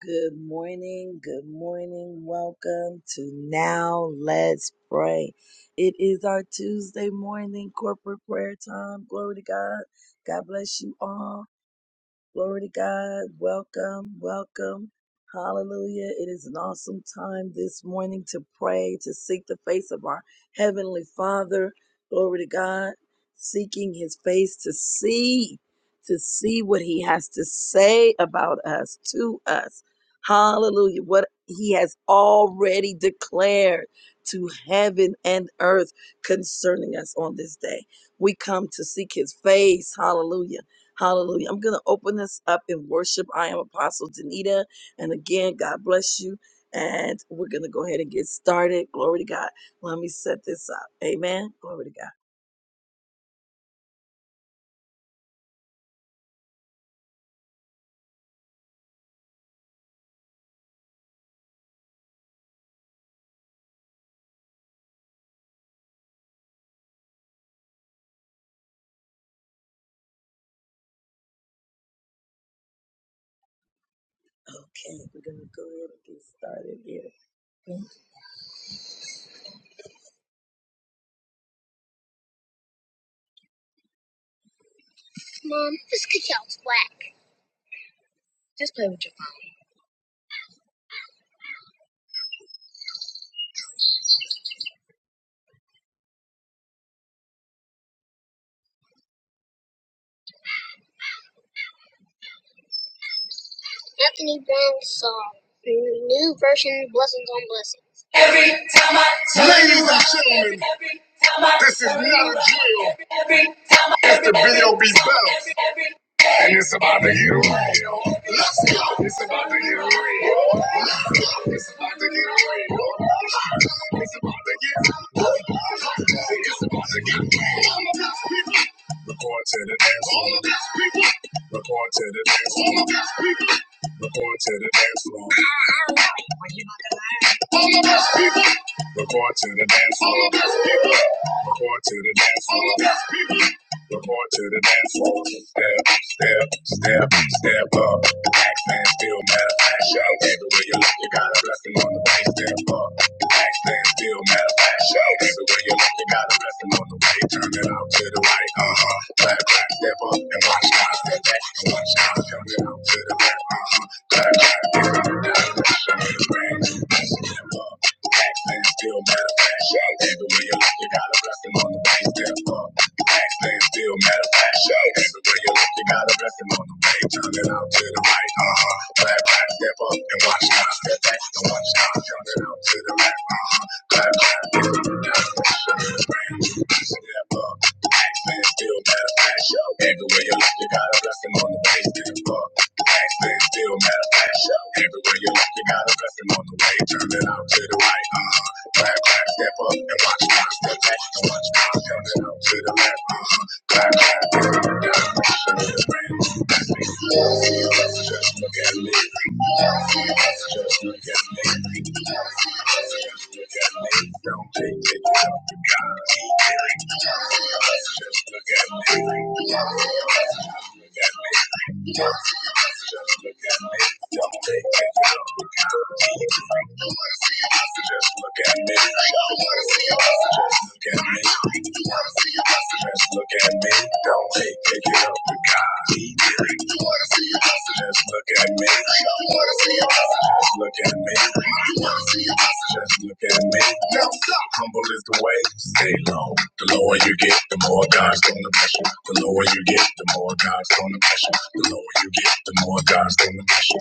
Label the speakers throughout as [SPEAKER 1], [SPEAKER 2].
[SPEAKER 1] Good morning, good morning. Welcome to Now Let's Pray. It is our Tuesday morning corporate prayer time. Glory to God. God bless you all. Glory to God. Welcome, welcome. Hallelujah. It is an awesome time this morning to pray, to seek the face of our Heavenly Father. Glory to God. Seeking His face to see, to see what He has to say about us, to us. Hallelujah. What He has already declared to heaven and earth concerning us on this day. We come to seek His face. Hallelujah Hallelujah. I'm going to open this up in worship. I am Apostle Danita. And again, God bless you. And we're going to go ahead and get started. Glory to God. Let me set this up. Amen. Glory to God. Okay. We're going to go ahead and get started here. Mom, this cookie's wet. Just play with your Anthony Brand's song "New Version Blessings on Blessings." Every time I turn Ladies and gentlemen, every time I this is not a drill. every, time I, It's every, the video be bounced. And it's about to get real. Let's go. It's about to get real. Let's go. It's about to get real. It's about to get real. It's about to get real. All of this people. Report to the dance. All of this people. Report to the dance. All of this people. Before I tell the dance floor. Report to the dance floor. Report to the dance floor. Report to the dance floor. Step, step, step, step up. The tax man still matter of fact. Show everywhere you look, you got a blessing on the way. Step up. The tax man still matter of fact. Show everywhere you look, you got a blessing on the way. Turn it out to the right. Uh huh. Clap, clap, step up and watch God step back and watch God turn it out to the left. Uh huh. Clap, clap, step up and down. Show the way. Step up. Backspin still matter of fact. Show. Every way you look, you got a blessing on the way. Step up. Backspin still matter of fact. Show. Every way you look, you got a blessing on the way. Turn it out to the right. Uh huh. Clap back, step up and watch now. Step back and watch now. Turn it out to the left. Uh huh. Clap back, step up. Step up. still matter of fact. Show. Every way you look, you got a blessing on the way. Step up. Accent still manifest. Everywhere you look, you got a blessing on the way. Turn it out to the right. Uh huh. Clap, clap, step up and watch God step back and watch God turn it out to the left. Uh huh. Clap, clap, turn it down. Look at me. Just look at me. Just look at me. Don't take it out to God. He did it. Just look at me. Just look at me. Don't take it out. to Just look at me. Just look at me. Just look at me. Don't hate, pick it up with God. He did it. Just look at me. Just look at me. Just look at me. Humble is the way. Stay low. The lower you get, the more God's gonna bless you. The lower you get, the more God's gonna bless you. The lower you get, the more God's gonna bless you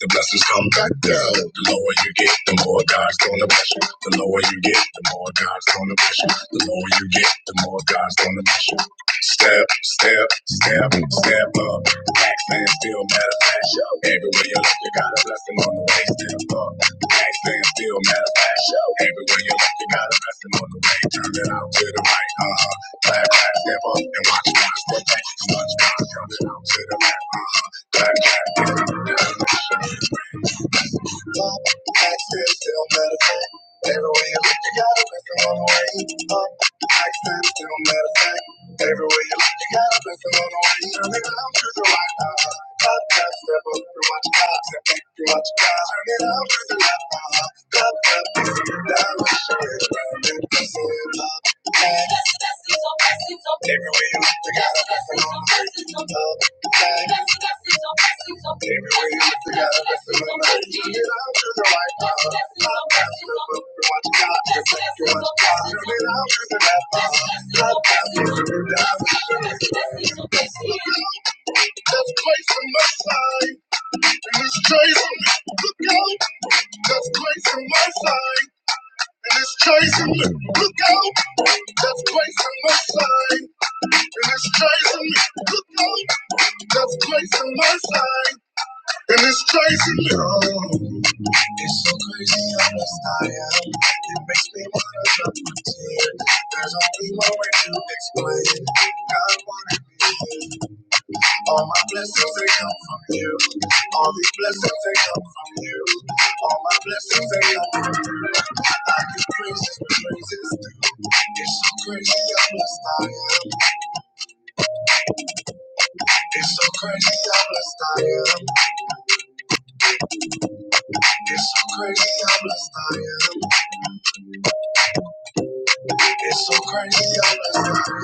[SPEAKER 1] the blessings come back down. The lower you get, the more God's gonna bless you. The lower you get, the more God's gonna bless you. The lower you get, the more God's gonna bless you. Step, step, step, step up. Tax man still matter of fact. Everywhere you look, you got a blessing on the way. Step up. Tax man still matter of fact. Everywhere you look, you got a blessing on the way. Turn it out to the right. Uh huh. Clap, clap, step up and watch, watch, step back. Watch, watch, turn it out to the left. Uh huh. Clap, clap, turn it out. Access still still medicine. Every way you look, you gotta put some on the way. Up, access still still medicine. Every way you look, you gotta put some on the way. Turn it around to the right. Uh-huh. Up, up, step up. You watch your eyes and think you watch your eyes. Turn it around to the left. Uh-huh. Up, up, this is the direction. Round and up, up. Every way you look, you gotta put some on the way. That's Christ my side, and it's chasing me. Look out! That's Christ on my side, and it's chasing me. Look out! That's Christ on my side, and it's chasing me. Look out! That's Christ on my side, and it's chasing me. It's so crazy how much I am. It makes me wanna jump to tears. There's only one way to explain. God wanted me. All my blessings they come from you. All these blessings they come from you. All my blessings they come from you. I give praises when praises due. It's so crazy how blessed I am. It's so crazy how blessed I am. It's so crazy how blessed I am. It's so crazy how blessed I am.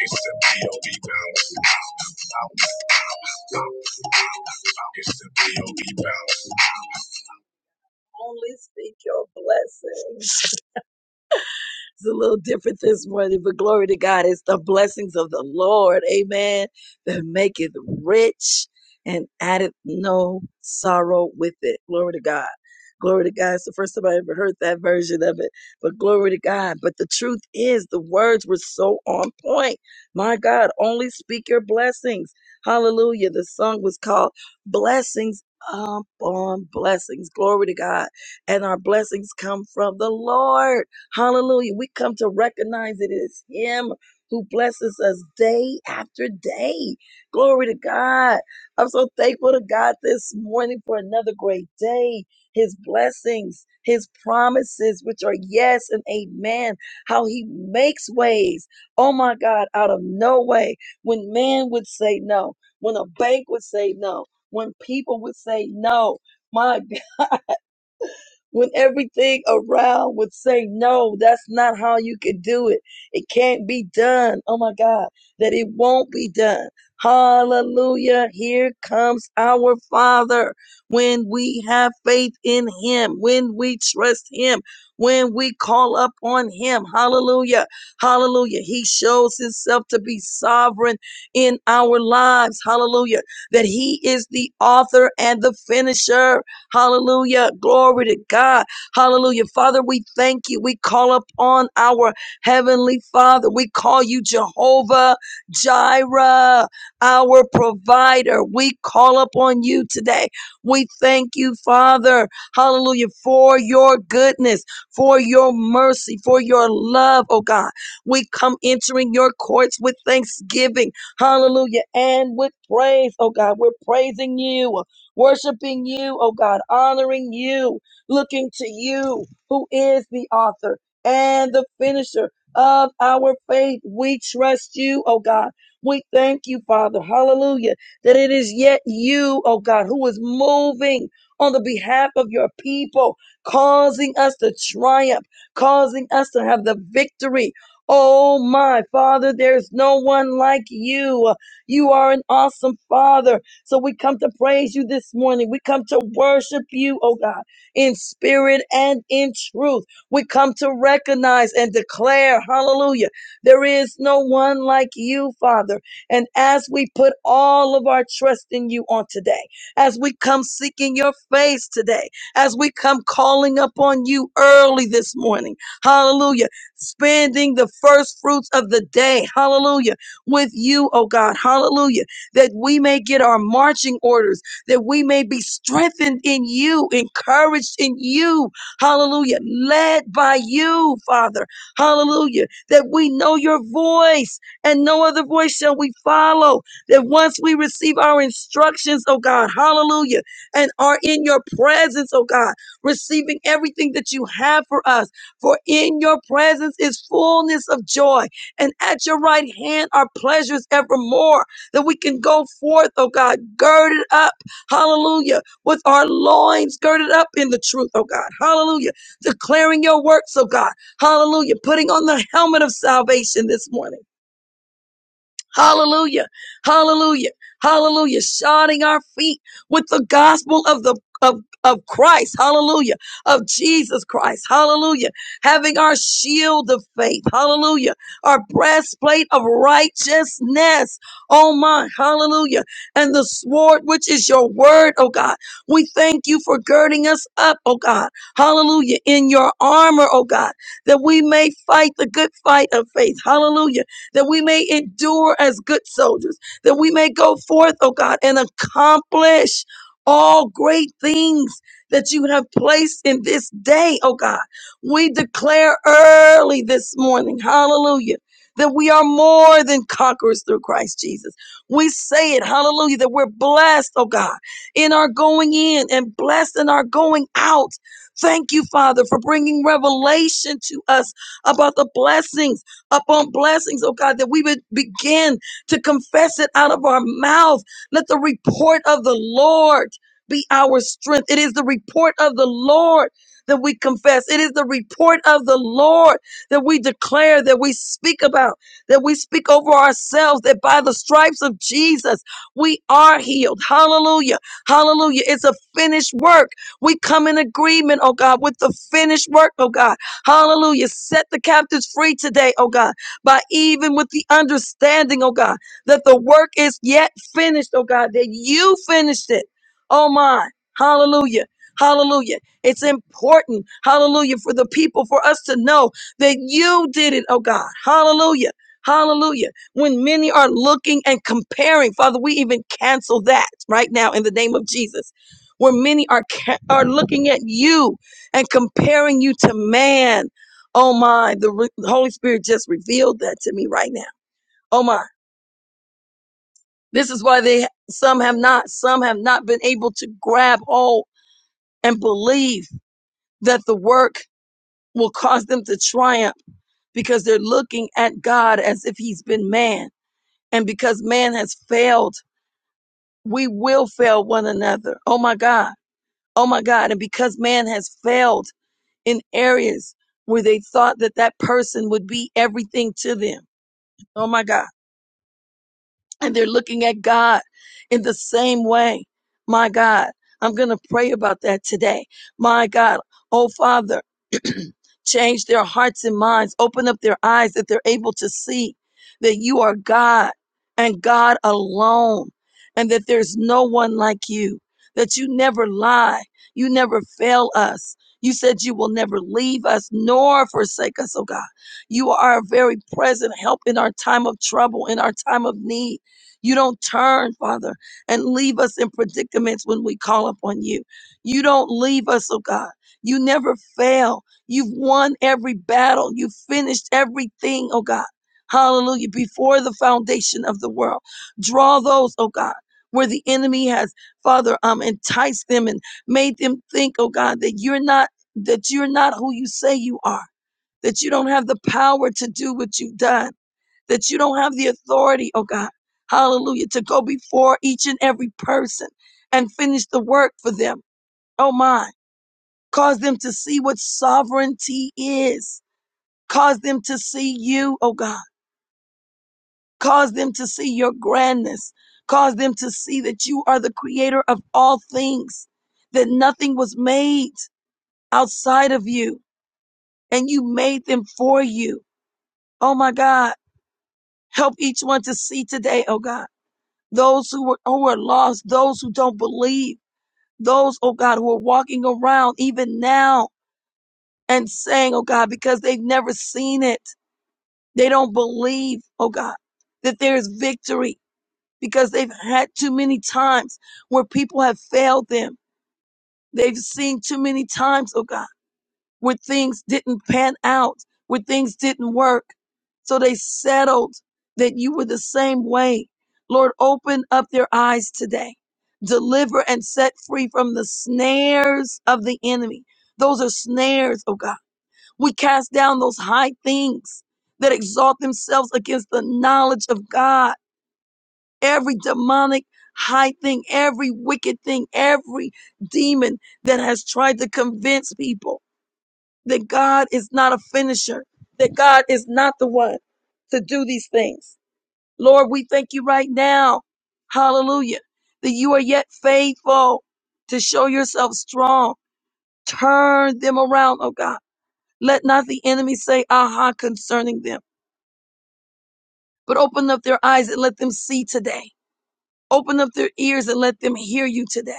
[SPEAKER 1] It's the POV bounce. It's the POV Bounce. Only speak your blessings. It's a little different this morning, but glory to God. It's the blessings of the Lord, amen, that make it rich and addeth no sorrow with it. Glory to God. Glory to God. It's the first time I ever heard that version of it, but glory to God. But the truth is, the words were so on point. My God, only speak your blessings. Hallelujah. The song was called Blessings Upon Blessings. Glory to God. And our blessings come from the Lord. Hallelujah. We come to recognize it is Him who blesses us day after day. Glory to God. I'm so thankful to God this morning for another great day. His blessings, His promises, which are yes and amen. How He makes ways. Oh my God, out of no way. When man would say no, when a bank would say no, when people would say no. My when everything around would say, no, that's not how you could do it. It can't be done. Oh my God, that it won't be done. Hallelujah. Here comes our Father. When we have faith in Him, when we trust Him, when we call up on Him. Hallelujah. Hallelujah. He shows Himself to be sovereign in our lives. Hallelujah. That He is the author and the finisher. Hallelujah. Glory to God. Hallelujah. Father, we thank you. We call upon our heavenly Father. We call you Jehovah Jireh, our provider. We call upon you today. We thank you, Father. Hallelujah. For your goodness, for your mercy, for your love, oh God. We come entering your courts with thanksgiving. Hallelujah. And with praise, oh God. We're praising you worshiping you, oh God, honoring you, looking to you, who is the author and the finisher of our faith. We trust you, oh God. We thank you, Father, hallelujah, that it is yet you, oh God, who is moving on the behalf of your people, causing us to triumph, causing us to have the victory. Oh my Father, there's no one like you. You are an awesome Father. So we come to praise you this morning. We come to worship you, oh God, in spirit and in truth. We come to recognize and declare, hallelujah, there is no one like you, Father. And as we put all of our trust in you on today, as we come seeking your face today, as we come calling upon you early this morning, hallelujah, spending the first fruits of the day, hallelujah, with you, oh God, hallelujah that we may get our marching orders, that we may be strengthened in you, encouraged in you. Hallelujah. Led by you, Father. Hallelujah. That we know your voice and no other voice shall we follow. That once we receive our instructions, oh God, hallelujah, and are in your presence, oh God, receiving everything that you have for us. For in your presence is fullness of joy, and at your right hand are pleasures evermore that we can go forth, oh God, girded up, hallelujah, with our loins girded up in the truth, oh God, hallelujah, declaring your works, oh God, hallelujah, putting on the helmet of salvation this morning. Hallelujah. Hallelujah. Hallelujah. Shodding our feet with the gospel of the of of Christ, hallelujah, of Jesus Christ, hallelujah, having our shield of faith, hallelujah, our breastplate of righteousness, oh my, hallelujah, and the sword which is your word, oh God. We thank you for girding us up, oh God, hallelujah, in your armor, oh God, that we may fight the good fight of faith, hallelujah that we may endure as good soldiers, that we may go forth, oh God, and accomplish all great things that you have placed in this day, oh God. We declare early this morning, hallelujah, that we are more than conquerors through Christ Jesus. We say it, hallelujah, that we're blessed, oh God, in our going in and blessed in our going out. Thank you, Father, for bringing revelation to us about the blessings upon blessings, oh God, that we would begin to confess it out of our mouth. Let the report of the Lord be our strength. It is the report of the Lord that we confess. It is the report of the Lord that we declare, that we speak about, that we speak over ourselves, that by the stripes of Jesus, we are healed. Hallelujah. Hallelujah. It's a finished work. We come in agreement, oh God, with the finished work, oh God. Hallelujah. Set the captives free today, oh God, by even with the understanding, oh God, that the work is yet finished, oh God, that you finished it. Oh my. Hallelujah. Hallelujah. It's important, hallelujah, for the people, for us to know that you did it, oh God. Hallelujah. Hallelujah. When many are looking and comparing, Father, we even cancel that right now in the name of Jesus. Where many are ca- are looking at you and comparing you to man. Oh my, the re- the Holy Spirit just revealed that to me right now. Oh my, this is why they some have not, some have not been able to grab hold and believe that the work will cause them to triumph because they're looking at God as if he's been man. And because man has failed, we will fail one another. Oh my God. Oh my God. And because man has failed in areas where they thought that that person would be everything to them Oh my God and they're looking at God in the same way. My God, I'm going to pray about that today. My God, oh Father, change their hearts and minds, open up their eyes that they're able to see that you are God and God alone, and that there's no one like you, that you never lie, you never fail us. You said you will never leave us nor forsake us, oh God. You are a very present help in our time of trouble, in our time of need. You don't turn, Father, and leave us in predicaments when we call upon you. You don't leave us, oh God. You never fail. You've won every battle. You've finished everything, oh God. Hallelujah. Before the foundation of the world. Draw those, oh God, where the enemy has, Father, um, enticed them and made them think, oh God, that you're not, that you're not who you say you are, that you don't have the power to do what you've done that you don't have the authority, oh God, hallelujah, to go before each and every person and finish the work for them. Oh my, cause them to see what sovereignty is. Cause them to see you, oh God. Cause them to see your grandness. Cause them to see that you are the creator of all things, that nothing was made outside of you and you made them for you. Oh my God, help each one to see today, oh God those who are, who are lost, those who don't believe, those, oh God, who are walking around even now and saying, oh God, because they've never seen it, they don't believe, oh God, that there is victory because they've had too many times where people have failed them. They've seen too many times, oh God where things didn't pan out, where things didn't work. So they settled that you were the same way. Lord, open up their eyes today. Deliver and set free from the snares of the enemy. Those are snares, oh God. We cast down those high things that exalt themselves against the knowledge of God. Every demonic high thing, every wicked thing, every demon that has tried to convince people that God is not a finisher, that God is not the one to do these things. Lord, we thank you right now. Hallelujah. That you are yet faithful to show yourself strong. Turn them around, oh God. Let not the enemy say, aha, concerning them, but open up their eyes and let them see today. Open up their ears and let them hear you today.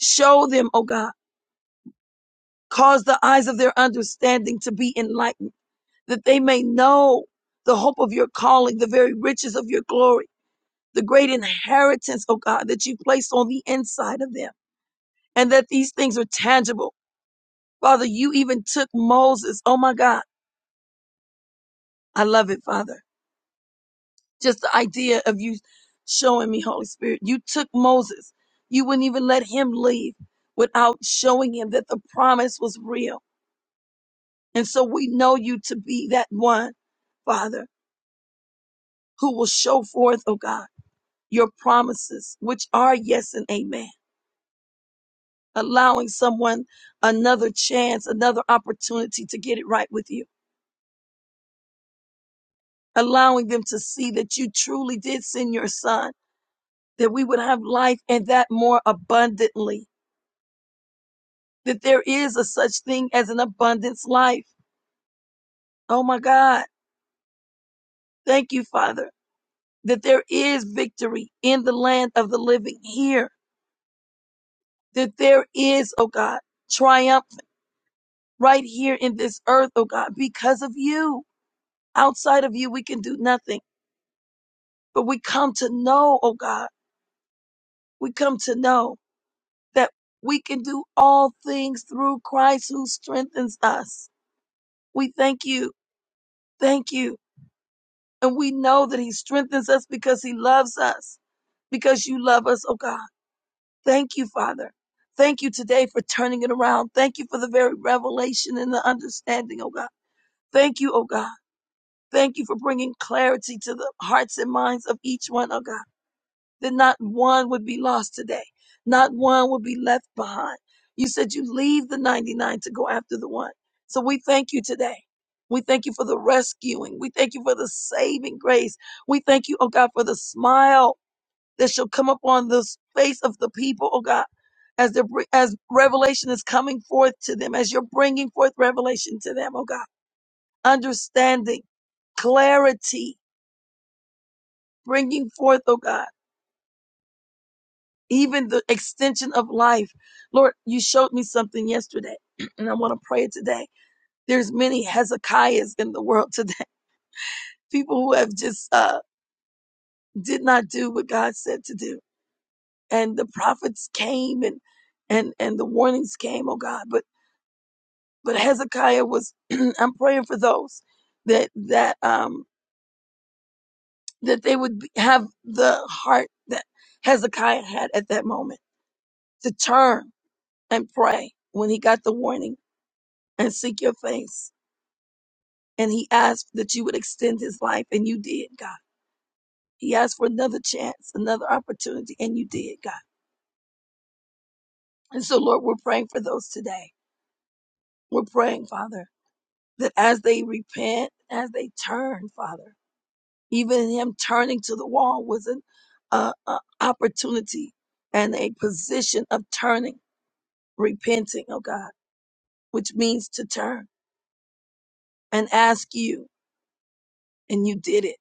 [SPEAKER 1] Show them, oh God. Cause the eyes of their understanding to be enlightened that they may know the hope of your calling, the very riches of your glory, the great inheritance, oh God, that you placed on the inside of them, and that these things are tangible. Father, you even took Moses. Oh my God. I love it, Father. Just the idea of you showing me, Holy Spirit. You took Moses. You wouldn't even let him leave without showing him that the promise was real. And so we know you to be that one, Father, who will show forth, oh God your promises, which are yes and amen. Allowing someone another chance, another opportunity to get it right with you. Allowing them to see that you truly did send your son, that we would have life and that more abundantly, that there is a such thing as an abundance life. Oh my God. Thank you, Father, that there is victory in the land of the living here, that there is, oh God, triumph right here in this earth, oh God, because of you Outside of you, we can do nothing. But we come to know, oh God, we come to know that we can do all things through Christ who strengthens us. We thank you. Thank you. And we know that he strengthens us because he loves us, because you love us, oh God. Thank you, Father. Thank you today for turning it around. Thank you for the very revelation and the understanding, oh God. Thank you, oh God. Thank you for bringing clarity to the hearts and minds of each one, oh God. that not one would be lost today. Not one would be left behind. You said you leave the 99 to go after the one. So we thank you today. We thank you for the rescuing. We thank you for the saving grace. We thank you, oh God, for the smile that shall come upon the face of the people, oh God, as they're, br- as revelation is coming forth to them, as you're bringing forth revelation to them, oh God, understanding, clarity, bringing forth, oh God. even the extension of life. Lord, you showed me something yesterday, and I want to pray it today. There's many Hezekiahs in the world today, people who have just uh, did not do what God said to do, and the prophets came and and and the warnings came, oh God, but but Hezekiah was. I'm praying for those that that um that they would be, have the heart that Hezekiah had at that moment to turn and pray when he got the warning and seek your face And he asked that you would extend his life, and you did, God. He asked for another chance, another opportunity, and you did, God. And so, Lord, we're praying for those today. We're praying, Father, that as they repent, as they turn, Father, even him turning to the wall was an uh, uh, opportunity and a position of turning, repenting, oh God, which means to turn and ask you, and you did it.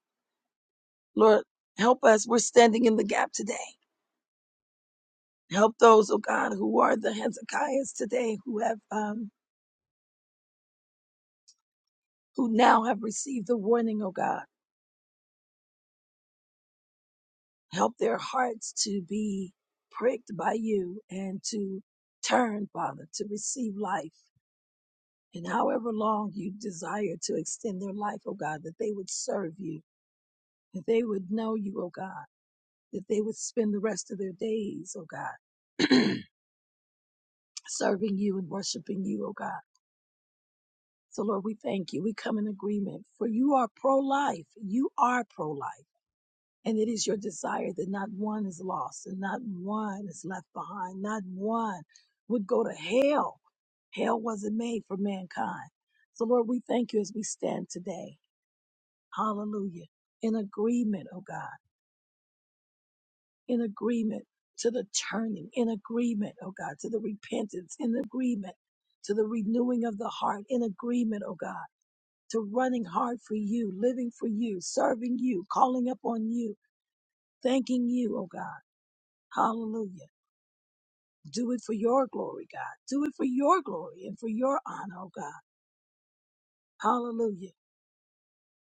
[SPEAKER 1] Lord, help us. We're standing in the gap today Help those, oh God, who are the Hezekiahs today, who have, um, who now have received the warning, oh God. Help their hearts to be pricked by you and to turn, Father, to receive life. And however long you desire to extend their life, oh God, that they would serve you, that they would know you, oh God, that they would spend the rest of their days, oh God, serving you and worshiping you, oh God. So, Lord, we thank you. We come in agreement, for you are pro life. You are pro life. And it is your desire that not one is lost and not one is left behind. Not one would go to hell. Hell wasn't made for mankind. So, Lord, we thank you as we stand today. Hallelujah. In agreement, oh God. In agreement to the turning. In agreement, oh God, to the repentance. In agreement to the renewing of the heart. In agreement, oh God, to running hard for you, living for you, serving you, calling upon you, thanking you, oh God. Hallelujah. Do it for your glory, God. Do it for your glory and for your honor, oh God. Hallelujah.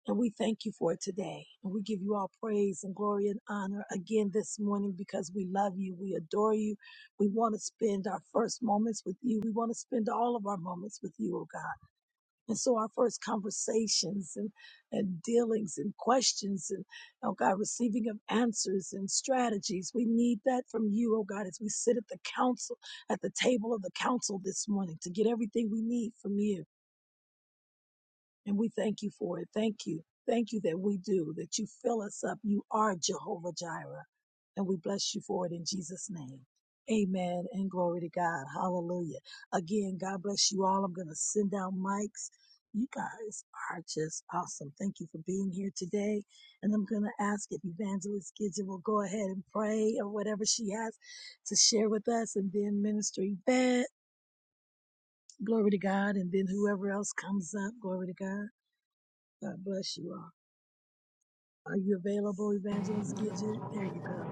[SPEAKER 1] And we thank you for it today. And we give you all praise and glory and honor again this morning because we love you. We adore you. We want to spend our first moments with you. We want to spend all of our moments with you, oh God. And so our first conversations and, and dealings and questions and, oh God, receiving of answers and strategies, we need that from you, oh God, as we sit at the council, at the table of the council this morning to get everything we need from you. And we thank you for it. Thank you. Thank you that we do, that you fill us up. You are Jehovah Jireh. And we bless you for it in Jesus' name. Amen and glory to God. Hallelujah. Again, God bless you all. I'm going to send out mics. You guys are just awesome. Thank you for being here today. And I'm going to ask if Evangelist Gidget will go ahead and pray or whatever she has to share with us. And then Minister Yvette, glory to God. And then whoever else comes up, glory to God. God bless you all. Are you available, Evangelist Gidget? There you go.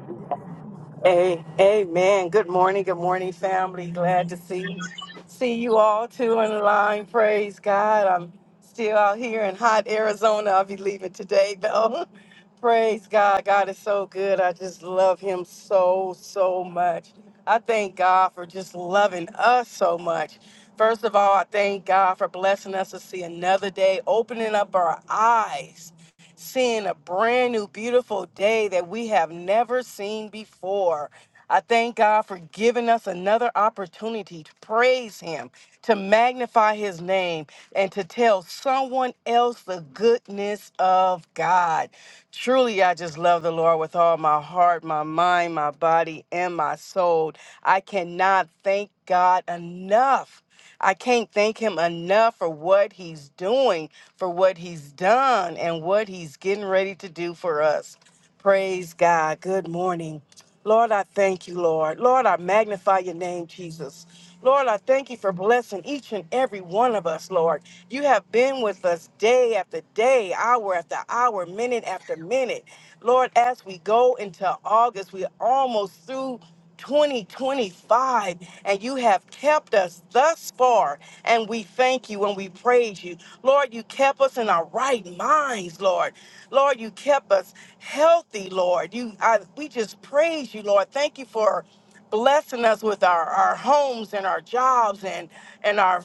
[SPEAKER 2] Hey, amen. Good morning, good morning, family. Glad to see see you all too in the line. Praise God. I'm still out here in hot Arizona. I'll be leaving today though. Praise God. God is so good. I just love him so, so much. I thank God for just loving us so much. First of all, I thank God for blessing us to see another day, opening up our eyes seeing a brand new, beautiful day that we have never seen before. I thank God for giving us another opportunity to praise Him, to magnify His name, and to tell someone else the goodness of God. Truly, I just love the Lord with all my heart, my mind, my body, and my soul. I cannot thank God enough. I can't thank him enough for what he's doing, for what he's done, and what he's getting ready to do for us. Praise God. Good morning. Lord, I thank you, Lord. Lord, I magnify your name, Jesus. Lord, I thank you for blessing each and every one of us, Lord. You have been with us day after day, hour after hour, minute after minute. Lord, as we go into August, we're almost through 2025 and you have kept us thus far and we thank you and we praise you lord you kept us in our right minds lord lord you kept us healthy lord you I, we just praise you lord thank you for blessing us with our, our homes and our jobs and and our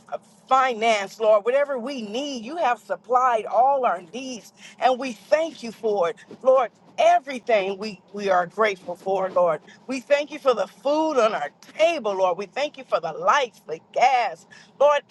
[SPEAKER 2] finance lord whatever we need you have supplied all our needs and we thank you for it lord everything we we are grateful for lord we thank you for the food on our table lord we thank you for the lights the gas lord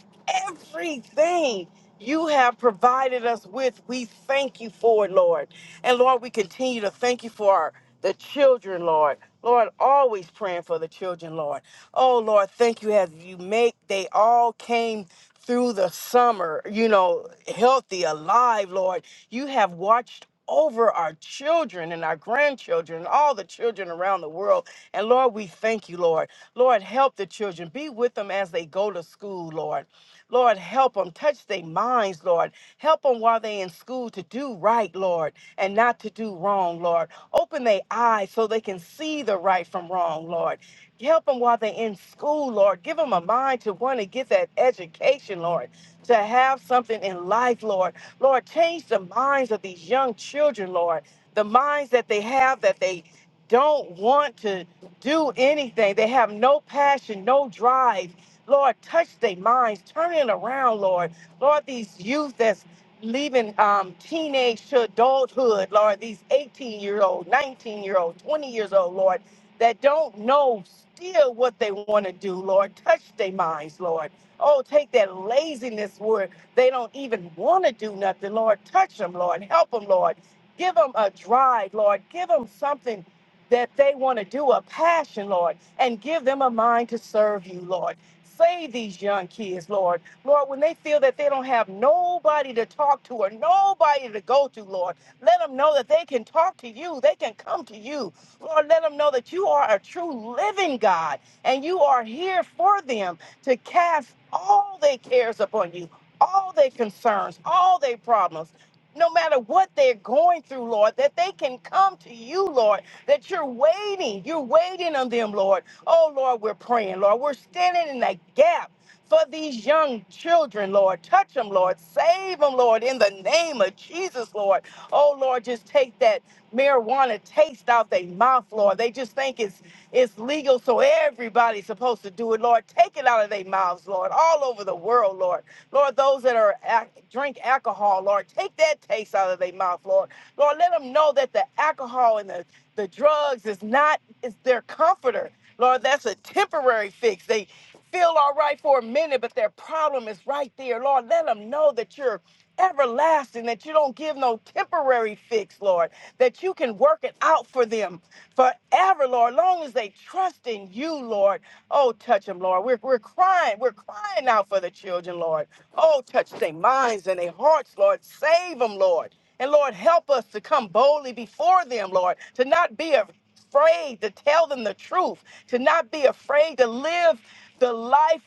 [SPEAKER 2] everything you have provided us with we thank you for it lord and lord we continue to thank you for our the children, Lord. Lord, always praying for the children, Lord. Oh, Lord, thank you as you make, they all came through the summer, you know, healthy, alive, Lord. You have watched over our children and our grandchildren, all the children around the world. And Lord, we thank you, Lord. Lord, help the children. Be with them as they go to school, Lord. Lord, help them. Touch their minds, Lord. Help them while they're in school to do right, Lord, and not to do wrong, Lord. Open their eyes so they can see the right from wrong, Lord. Help them while they're in school, Lord. Give them a mind to want to get that education, Lord, to have something in life, Lord. Lord, change the minds of these young children, Lord. The minds that they have that they don't want to do anything. They have no passion, no drive. Lord, touch their minds, turn it around, Lord. Lord, these youth that's leaving um, teenage to adulthood, Lord, these 18 year old, 19 year old, 20 years old, Lord, that don't know still what they want to do, Lord. Touch their minds, Lord. Oh, take that laziness where they don't even want to do nothing, Lord. Touch them, Lord. Help them, Lord. Give them a drive, Lord. Give them something that they want to do, a passion, Lord, and give them a mind to serve you, Lord. Save these young kids, Lord. Lord, when they feel that they don't have nobody to talk to or nobody to go to, Lord, let them know that they can talk to you. They can come to you. Lord, let them know that you are a true living God and you are here for them to cast all their cares upon you, all their concerns, all their problems. No matter what they're going through, Lord, that they can come to you, Lord, that you're waiting. You're waiting on them, Lord. Oh, Lord, we're praying, Lord. We're standing in that gap for these young children, Lord. Touch them, Lord. Save them, Lord, in the name of Jesus, Lord. Oh, Lord, just take that marijuana taste out their mouth, Lord. They just think it's it's legal, so everybody's supposed to do it, Lord. Take it out of their mouths, Lord, all over the world, Lord. Lord, those that are ac- drink alcohol, Lord, take that taste out of their mouth, Lord. Lord, let them know that the alcohol and the, the drugs is not is their comforter. Lord, that's a temporary fix. They feel all right for a minute, but their problem is right there. Lord, let them know that you're everlasting, that you don't give no temporary fix, Lord, that you can work it out for them forever, Lord, long as they trust in you, Lord. Oh, touch them, Lord. We're, we're crying. We're crying out for the children, Lord. Oh, touch their minds and their hearts, Lord. Save them, Lord. And Lord, help us to come boldly before them, Lord, to not be afraid to tell them the truth, to not be afraid to live the life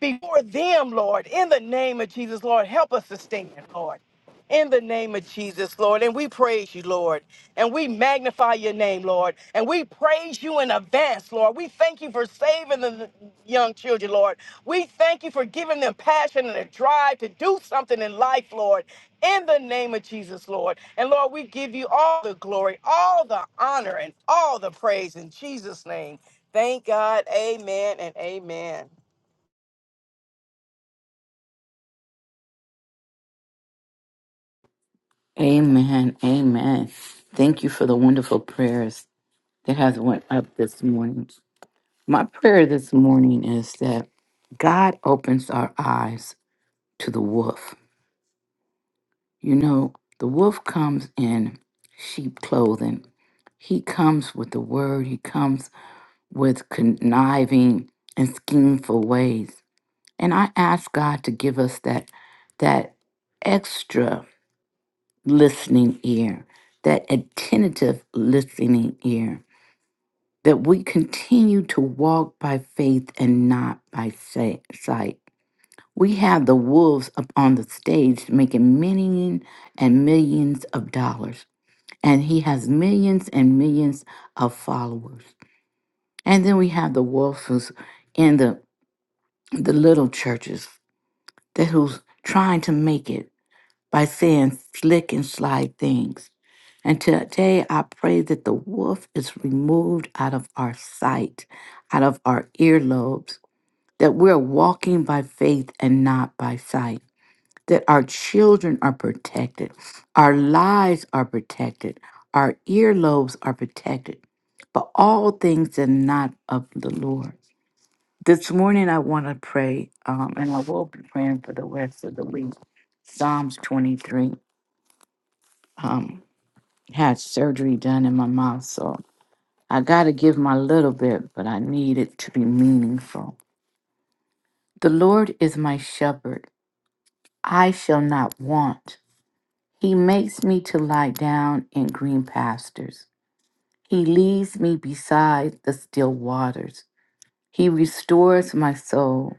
[SPEAKER 2] before them, Lord, in the name of Jesus, Lord. Help us to stand, Lord. In the name of Jesus, Lord. And we praise you, Lord. And we magnify your name, Lord. And we praise you in advance, Lord. We thank you for saving the young children, Lord. We thank you for giving them passion and a drive to do something in life, Lord. In the name of Jesus, Lord. And Lord, we give you all the glory, all the honor, and all the praise in Jesus' name. Thank God. Amen and amen.
[SPEAKER 3] Amen. Amen. Thank you for the wonderful prayers that has went up this morning. My prayer this morning is that God opens our eyes to the wolf. You know, the wolf comes in sheep clothing. He comes with the word. He comes with conniving and schemeful ways. And I ask God to give us that that extra listening ear, that attentive listening ear, that we continue to walk by faith and not by sa- sight. We have the wolves up on the stage making millions and millions of dollars, and he has millions and millions of followers. And then we have the wolves who's in the the little churches that who's trying to make it. by saying slick and sly things. And today I pray that the wolf is removed out of our sight, out of our earlobes, that we're walking by faith and not by sight, that our children are protected, our lives are protected, our earlobes are protected, but all things are not of the Lord. This morning I want to pray, um, and I will be praying for the rest of the week. Psalms 23 um, had surgery done in my mouth, so I got to give my little bit, but I need it to be meaningful. The Lord is my shepherd. I shall not want. He makes me to lie down in green pastures. He leads me beside the still waters. He restores my soul.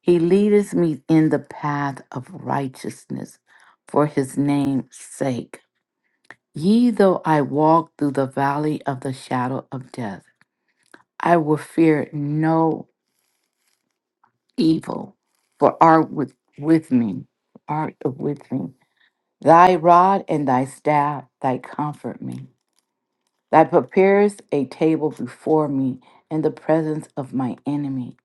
[SPEAKER 3] He leadeth me in the path of righteousness for his name's sake. Ye though I walk through the valley of the shadow of death, I will fear no evil, for art with, with me, art with me. Thy rod and thy staff, thy comfort me. Thou preparest a table before me in the presence of my enemy.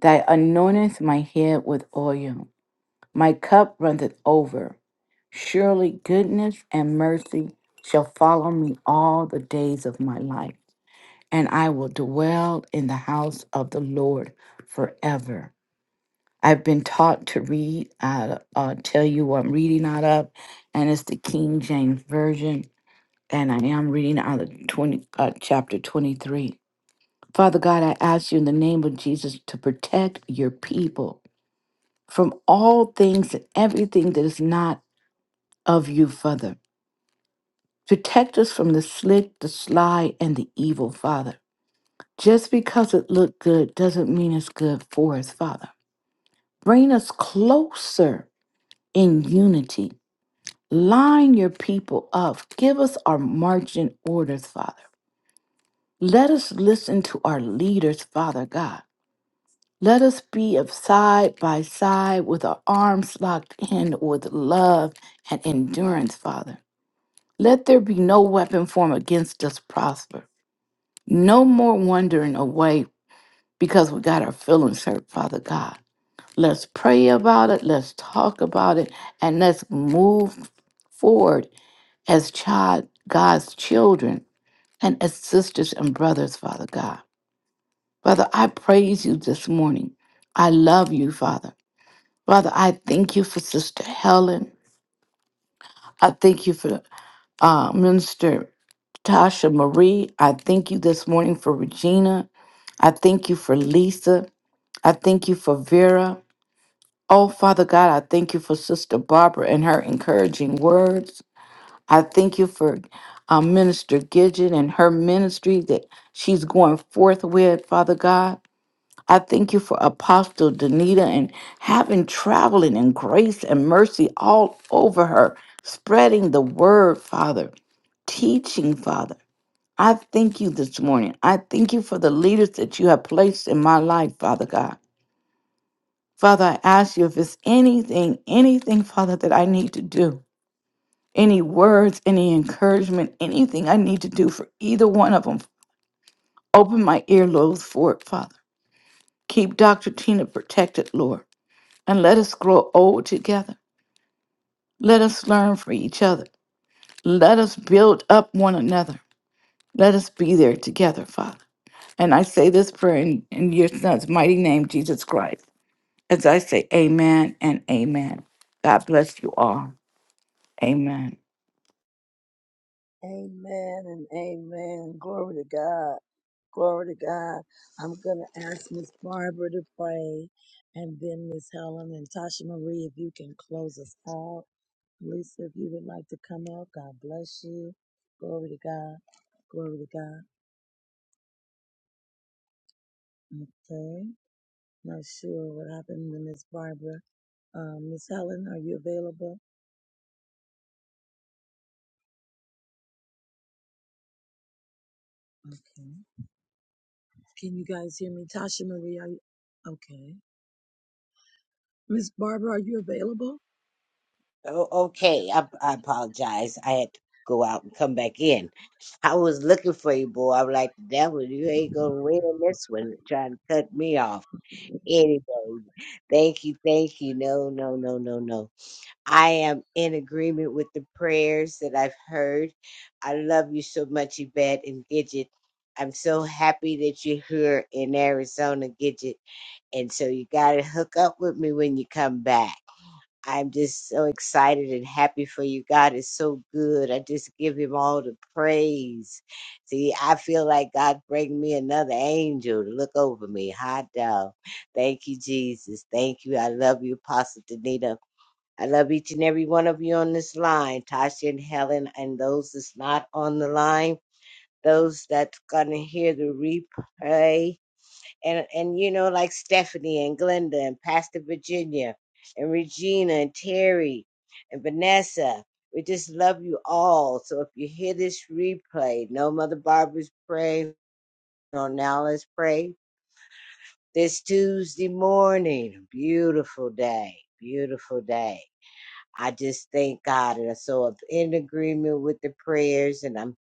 [SPEAKER 3] Thou anointest my head with oil. My cup runneth over. Surely goodness and mercy shall follow me all the days of my life, and I will dwell in the house of the Lord forever. I've been taught to read. I'll, I'll tell you what I'm reading out of, and it's the King James Version, and I am reading out of 20, uh, chapter 23. Father God, I ask you in the name of Jesus to protect your people from all things and everything that is not of you, Father. Protect us from the slick, the sly, and the evil, Father. Just because it looked good doesn't mean it's good for us, Father. Bring us closer in unity Line your people up. Give us our marching orders, Father. Let us listen to our leaders, Father God. Let us be of side by side with our arms locked in with love and endurance, Father. Let there be no weapon formed against us prosper. No more wandering away because we got our feelings hurt, Father God. Let's pray about it. Let's talk about it. And let's move forward as child, God's children and as sisters and brothers, Father God. Father, I praise you this morning. I love you, Father. Father, I thank you for Sister Helen. I thank you for uh, Minister Tasha Marie. I thank you this morning for Regina. I thank you for Lisa. I thank you for Vera. Oh, Father God, I thank you for Sister Barbara and her encouraging words. I thank you for um, Minister Gidget and her ministry that she's going forth with, Father God. I thank you for Apostle Danita and having traveling in grace and mercy all over her, spreading the word, Father, teaching, Father. I thank you this morning. I thank you for the leaders that you have placed in my life, Father God. Father, I ask you if it's anything, anything, Father, that I need to do any words, any encouragement, anything I need to do for either one of them. Open my earlobes for it, Father. Keep Dr. Tina protected, Lord, and let us grow old together. Let us learn from each other. Let us build up one another. Let us be there together, Father. And I say this prayer in, in your Son's mighty name, Jesus Christ. As I say, Amen and Amen. God bless you all. Amen.
[SPEAKER 1] Amen and amen. Glory to God. Glory to God. I'm going to ask Miss Barbara to pray and then Miss Helen and Tasha Marie, if you can close us out. Lisa, if you would like to come up, God bless you. Glory to God. Glory to God. Okay. Not sure what happened to Miss Barbara. Um, Miss Helen, are you available? Okay. Can you guys hear me? Tasha Marie, are you? Okay. Miss Barbara, are you available?
[SPEAKER 4] Oh, okay. I, I apologize. I had to go out and come back in. I was looking for you, boy. I'm like, the devil, you ain't gonna win this one trying to cut me off. Anyway, thank you, thank you. No, no, no, no, no. I am in agreement with the prayers that I've heard. I love you so much, Yvette and Gidget. I'm so happy that you're here in Arizona, Gidget. And so you gotta hook up with me when you come back. I'm just so excited and happy for you. God is so good. I just give him all the praise. See, I feel like God bring me another angel to look over me. Hot dog. Thank you, Jesus. Thank you. I love you, Apostle Danita. I love each and every one of you on this line, Tasha and Helen, and those that's not on the line, those that's gonna hear the replay and and you know like Stephanie and Glenda and Pastor Virginia and Regina and Terry and Vanessa. We just love you all. So if you hear this replay, no Mother Barbara's pray. No, now let's pray. This Tuesday morning, beautiful day, beautiful day. I just thank God, and so I'm in agreement with the prayers, and I'm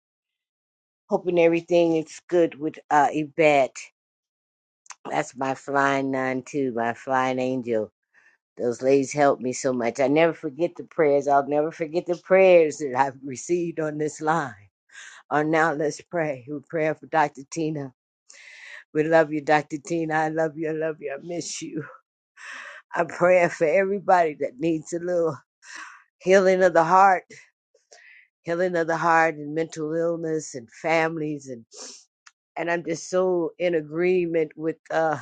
[SPEAKER 4] hoping everything is good with uh, Yvette. That's my flying nun too, my flying angel Those ladies helped me so much. I never forget the prayers. I'll never forget the prayers that I've received on this line. On now, let's pray. We're praying for Dr. Tina. We love you, Dr. Tina. I love you. I love you. I miss you. I'm praying for everybody that needs a little healing of the heart, healing of the heart, and mental illness, and families, and and I'm just so in agreement with uh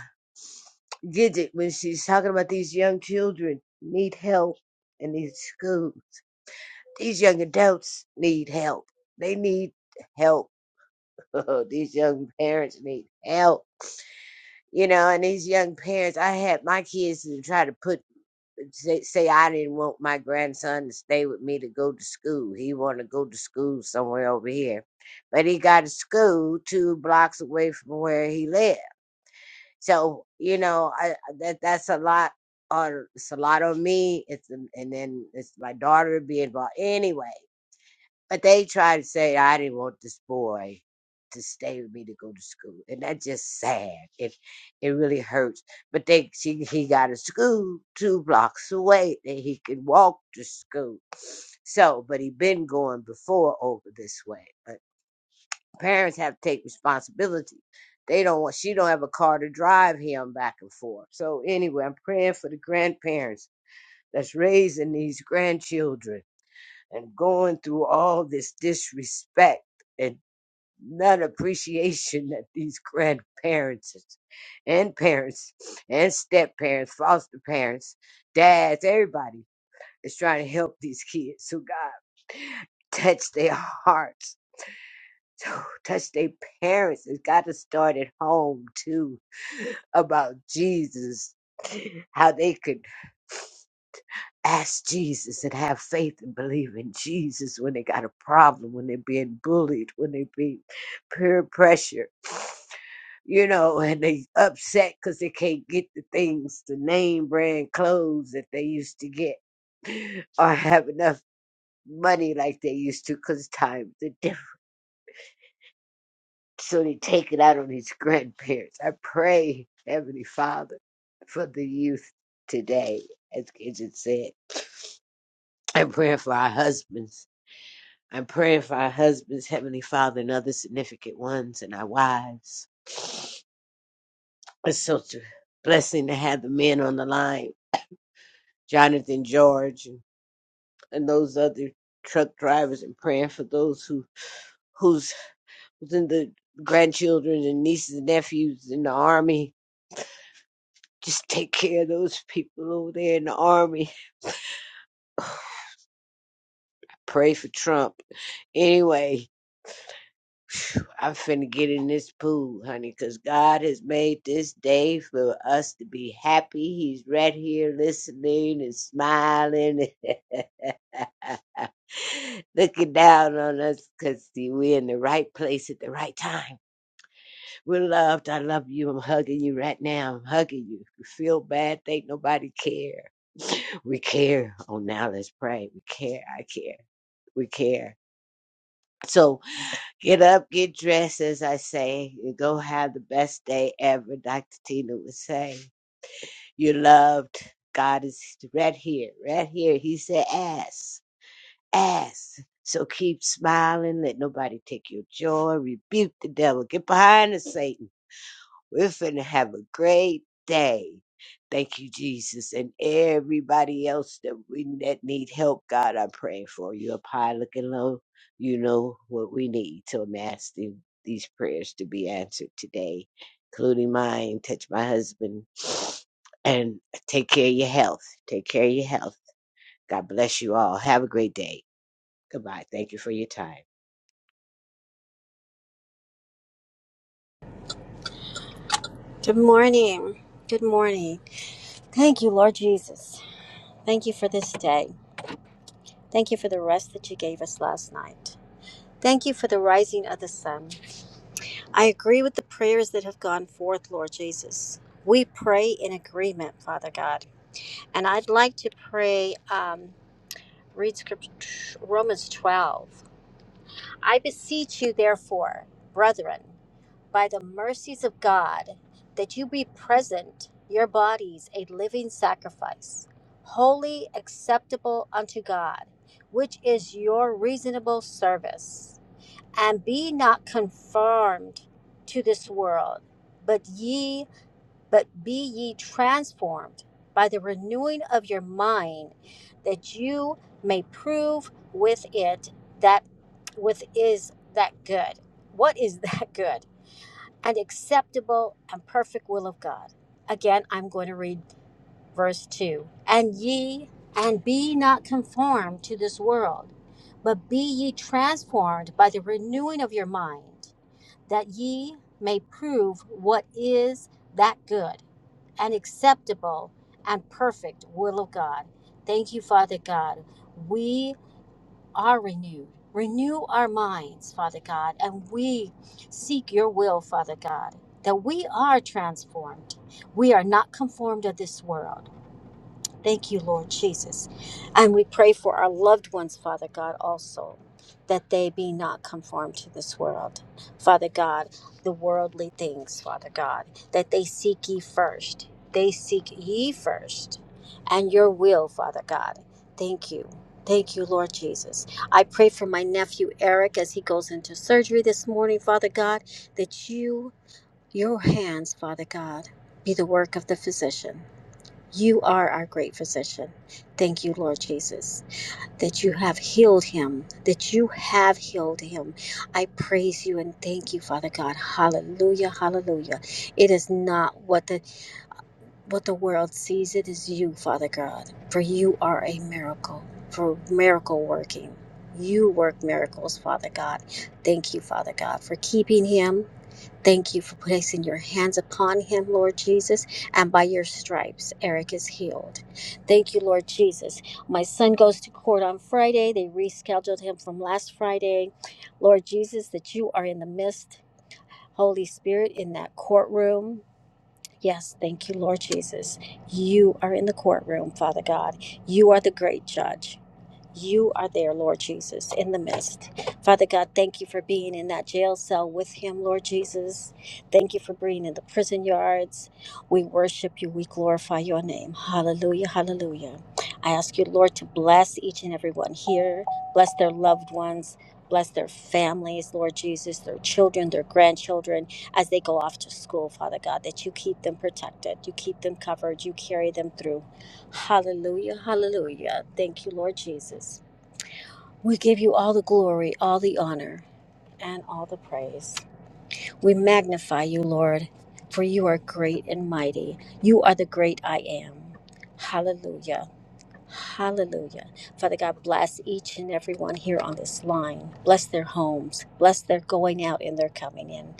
[SPEAKER 4] Gidget when she's talking about these young children need help in these schools These young adults need help. They need help. these young parents need help. You know, and these young parents, I had my kids to try to put say, say I didn't want my grandson to stay with me to go to school. He wanted to go to school somewhere over here, but he got a school two blocks away from where he lived. So you know, I, that that's a lot on it's a lot on me. It's and then it's my daughter to be involved anyway But they try to say, I didn't want this boy to stay with me to go to school. And that's just sad. It it really hurts. But they she he got a school two blocks away that he could walk to school. So, but he been going before over this way. But parents have to take responsibility. They don't want she don't have a car to drive him back and forth. So anyway, I'm praying for the grandparents that's raising these grandchildren and going through all this disrespect and not appreciation that these grandparents and parents and step parents, foster parents, dads, everybody is trying to help these kids. So God, touch their hearts. So Touch their parents. It's got to start at home too about Jesus, how they could ask Jesus and have faith and believe in Jesus when they got a problem, when they're being bullied, when they be peer pressure, you know, and they upset because they can't get the things, the name brand clothes that they used to get, or have enough money like they used to because times are different. So they take it out on these grandparents. I pray, Heavenly Father, for the youth today, as Gidget said. I'm praying for our husbands I'm praying for our husbands, Heavenly Father, and other significant ones, and our wives. It's such a blessing to have the men on the line, Jonathan George, and, and those other truck drivers, and praying for those who who's within the grandchildren and nieces and nephews in the army. Just take care of those people over there in the army. Pray for Trump. Anyway, I'm finna get in this pool, honey, 'cause God has made this day for us to be happy. He's right here listening and smiling. and Looking down on us, 'cause see, we're in the right place at the right time. We're loved. I love you. I'm hugging you right now. I'm hugging you. If you feel bad, think nobody care. We care. Oh, now let's pray. We care. I care. We care. So Get up, get dressed, as I say, and go have the best day ever, Dr. Tina would say. You're loved. God is right here, right here. He said, ass, ass. So keep smiling. Let nobody take your joy. Rebuke the devil. Get behind us, Satan. We're finna have a great day. Thank you, Jesus, and everybody else that we that need help. God, I'm praying for you. Up high, looking low, you know what we need. So I'm asking these prayers to be answered today, including mine. Touch my husband, and take care of your health. Take care of your health. God bless you all. Have a great day. Goodbye. Thank you for your time.
[SPEAKER 5] Good morning. Good morning. Thank you, Lord Jesus. Thank you for this day. Thank you for the rest that you gave us last night. Thank you for the rising of the sun. I agree with the prayers that have gone forth, Lord Jesus. We pray in agreement, Father God. And I'd like to pray, um, read Scripture, Romans 12. I beseech you, therefore, brethren. by the mercies of God that you be present, your bodies a living sacrifice, holy, acceptable unto God, which is your reasonable service. And be not conformed to this world, but ye, but be ye transformed by the renewing of your mind, that you may prove with it that with is that good. What is that good? and acceptable and perfect will of God. Again, I'm going to read verse 2. And ye, and be not conformed to this world, but be ye transformed by the renewing of your mind, that ye may prove what is that good and acceptable and perfect will of God. Thank you, Father God. We are renewed. Renew our minds, Father God, and we seek your will, Father God, that we are transformed. We are not conformed to this world. Thank you, Lord Jesus. And we pray for our loved ones, Father God, also, that they be not conformed to this world. Father God, the worldly things, Father God, that they seek ye first. They seek ye first and your will, Father God. Thank you. Thank you, Lord Jesus. I pray for my nephew Eric as he goes into surgery this morning, Father God, that you, your hands, Father God, be the work of the physician. You are our great physician. Thank you, Lord Jesus, that you have healed him, that you have healed him. I praise you and thank you, Father God. Hallelujah, hallelujah. It is not what the what the world sees, it is you, Father God. For you are a miracle, for miracle working. You work miracles, Father God. Thank you, Father God, for keeping him. Thank you for placing your hands upon him, Lord Jesus, and by your stripes, Eric is healed. Thank you, Lord Jesus. My son goes to court on Friday. They rescheduled him from last Friday. Lord Jesus, that you are in the midst, Holy Spirit, in that courtroom. Yes, thank you, Lord Jesus. You are in the courtroom, Father God. You are the great judge. You are there, Lord Jesus, in the midst. Father God, thank you for being in that jail cell with him, Lord Jesus. Thank you for being in the prison yards. We worship you. We glorify your name. Hallelujah. Hallelujah. I ask you, Lord, to bless each and every one here, bless their loved ones. Bless their families, Lord Jesus, their children, their grandchildren, as they go off to school, Father God, that you keep them protected, you keep them covered, you carry them through. Hallelujah, hallelujah. Thank you, Lord Jesus. We give you all the glory, all the honor, and all the praise. We magnify you, Lord, for you are great and mighty. You are the great I am. Hallelujah. Hallelujah. Father God, bless each and every one here on this line. Bless their homes. Bless their going out and their coming in.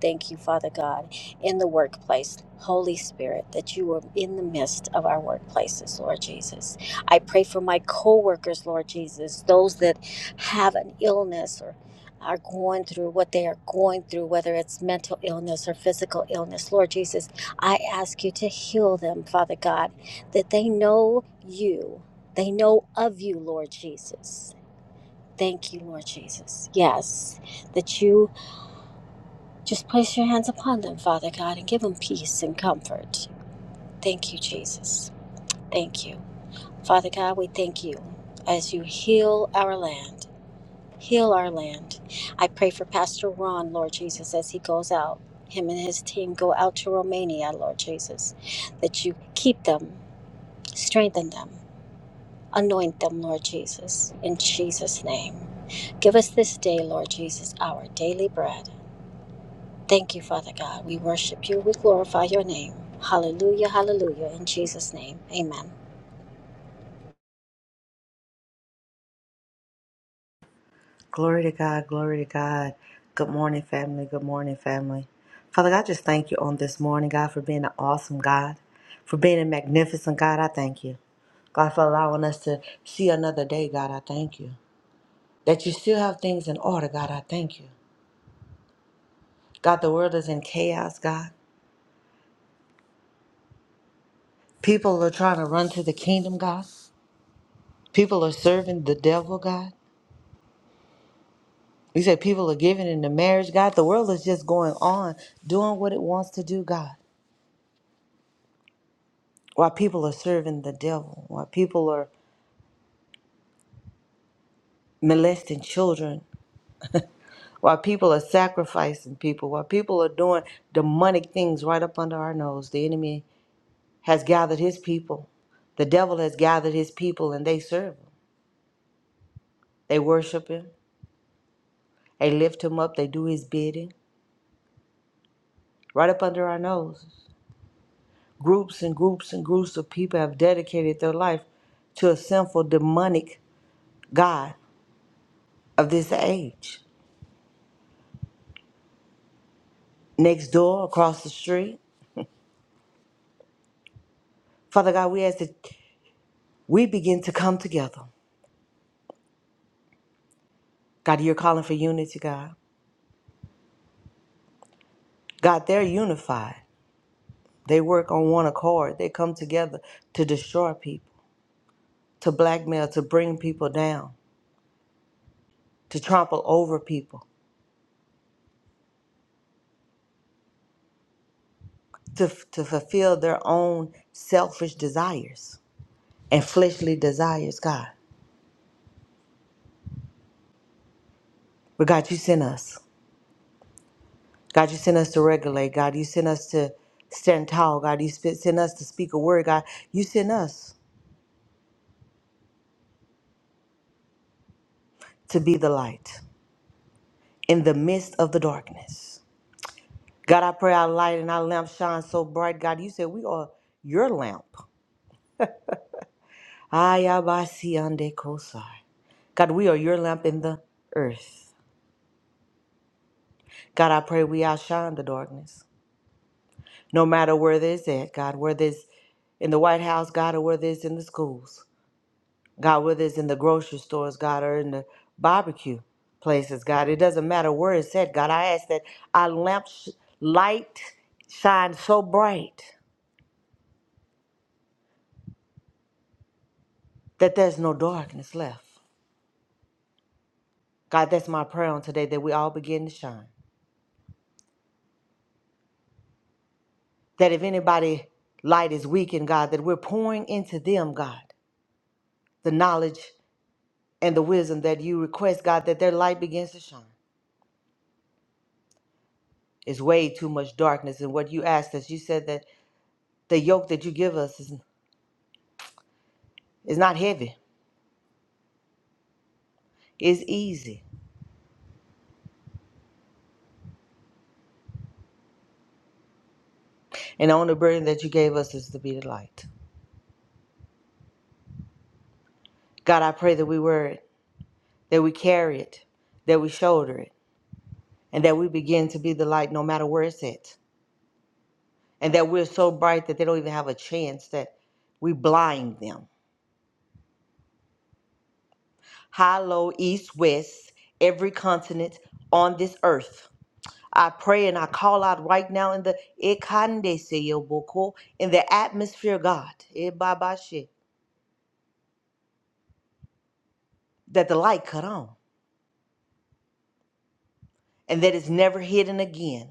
[SPEAKER 5] Thank you, Father God, in the workplace. Holy Spirit, that you are in the midst of our workplaces, Lord Jesus. I pray for my co-workers, Lord Jesus, those that have an illness or are going through what they are going through, whether it's mental illness or physical illness. Lord Jesus, I ask you to heal them, Father God that they know you. They know of you, Lord Jesus. Thank you, Lord Jesus. Yes, that you just place your hands upon them, Father God, and give them peace and comfort. Thank you, Jesus. Thank you. Father God, we thank you as you heal our land. Heal our land. I pray for Pastor Ron, Lord Jesus, as he goes out. Him and his team go out to Romania, Lord Jesus, that you keep them, strengthen them, Anoint them, Lord Jesus, in Jesus' name. Give us this day, Lord Jesus, our daily bread. Thank you, Father God. We worship you. We glorify your name. Hallelujah, hallelujah. In Jesus' name, amen.
[SPEAKER 6] Glory to God. Glory to God. Good morning, family. Good morning, family. Father God, I just thank you on this morning, God, for being an awesome God, for being a magnificent God. I thank you. God, for allowing us to see another day, God. I thank you. That you still have things in order, God. I thank you. God, the world is in chaos, God. People are trying to run to the kingdom, God. People are serving the devil, God. We say people are giving into marriage, God. The world is just going on, doing what it wants to do, God. while people are serving the devil, while people are molesting children, while people are sacrificing people, while people are doing demonic things right up under our nose. The enemy has gathered his people. The devil has gathered his people and they serve him. They worship him. They lift him up. They do his bidding right up under our nose. Groups and groups and groups of people have dedicated their life to a sinful, demonic God of this age. Next door, across the street. Father God, we ask that we begin to come together. God, you're calling for unity, God. God, they're unified. They work on one accord. They come together to destroy people, to blackmail, to bring people down, to trample over people, to, to fulfill their own selfish desires and fleshly desires, God. But God, you sent us. God, you sent us to regulate. God, you sent us to stand tall. God, you sp- sent us to speak a word. God, you sent us to be the light in the midst of the darkness. God, I pray our light and our lamp shine so bright. God, you said we are your lamp. Ayabasi ande kosai. God, we are your lamp in the earth. God, I pray we outshine the darkness. No matter where this is at, God, whether it's in the White House, God, or whether it's in the schools, God, whether it's in the grocery stores, God, or in the barbecue places, God, it doesn't matter where it's at, God. I ask that our lamp sh- light shine so bright that there's no darkness left. God, that's my prayer on today that we all begin to shine. That if anybody light is weakened, God, that we're pouring into them, God, the knowledge and the wisdom that you request, God, that their light begins to shine. It's way too much darkness. in what you asked us, you said that the yoke that you give us is, is not heavy, it's easy. And the only burden that you gave us is to be the light. God, I pray that we wear it, that we carry it, that we shoulder it, and that we begin to be the light no matter where it's at. and that we're so bright that they don't even have a chance that we blind them. High, low, east, west, every continent on this earth. I pray and I call out right now in the Ekandeseyoboko, in the atmosphere, God, Ebabashe, that the light cut on and that it's never hidden again,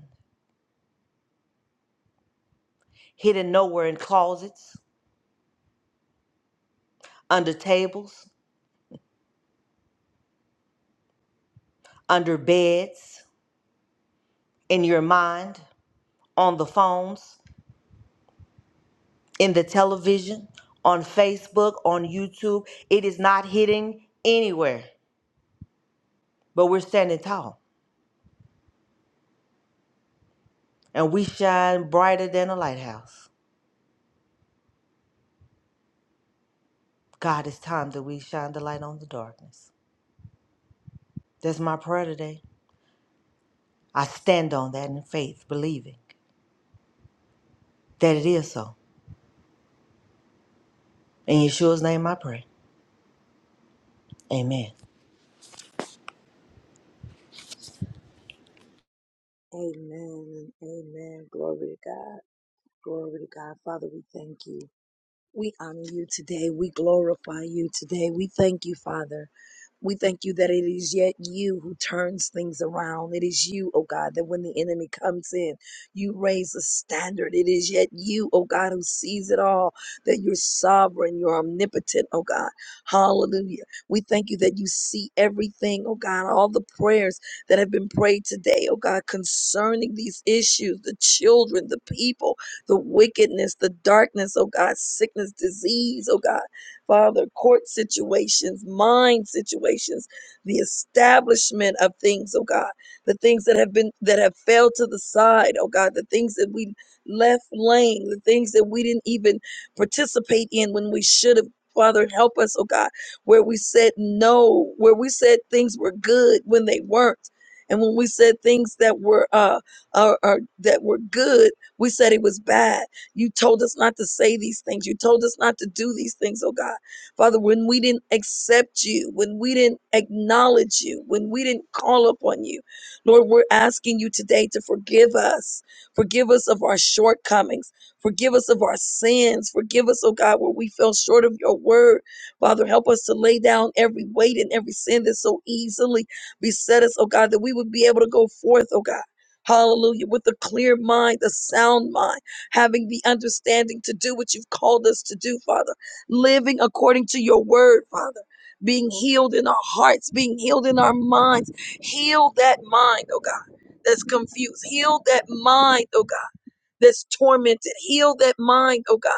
[SPEAKER 6] hidden nowhere in closets, under tables, under beds, in your mind, on the phones. in the television, on Facebook, on YouTube. It is not hitting anywhere, but we're standing tall and we shine brighter than a lighthouse. God, it's time that we shine the light on the darkness. That's my prayer today. I stand on that in faith, believing that it is so. In Yeshua's name I pray. Amen.
[SPEAKER 1] Amen and amen. Glory to God. Glory to God. Father, we thank you. We honor you today. We glorify you today. We thank you, Father. We thank you that it is yet you who turns things around. It is you, oh God, that when the enemy comes in, you raise a standard. It is yet you, oh God, who sees it all, that you're sovereign, you're omnipotent, oh God. Hallelujah. We thank you that you see everything, oh God, all the prayers that have been prayed today, oh God, concerning these issues, the children, the people, the wickedness, the darkness, oh God, sickness, disease, oh God, Father, court situations, mind situations, the establishment of things, oh God, the things that have been, that have fell to the side, oh God, the things that we left laying, the things that we didn't even participate in when we should have. Father, help us, oh God, where we said no, where we said things were good when they weren't, and when we said things that were uh are, are that were good we said it was bad. You told us not to say these things. You told us not to do these things, oh God. Father, when we didn't accept you, when we didn't acknowledge you, when we didn't call upon you, Lord, we're asking you today to forgive us. Forgive us of our shortcomings. Forgive us of our sins. Forgive us, oh God, where we fell short of your word. Father, help us to lay down every weight and every sin that so easily beset us, oh God, that we would be able to go forth, oh God Hallelujah. With a clear mind, a sound mind, having the understanding to do what you've called us to do, Father. Living according to your word, Father. Being healed in our hearts, being healed in our minds. Heal that mind, oh God, that's confused. Heal that mind, oh God, that's tormented. Heal that mind, oh God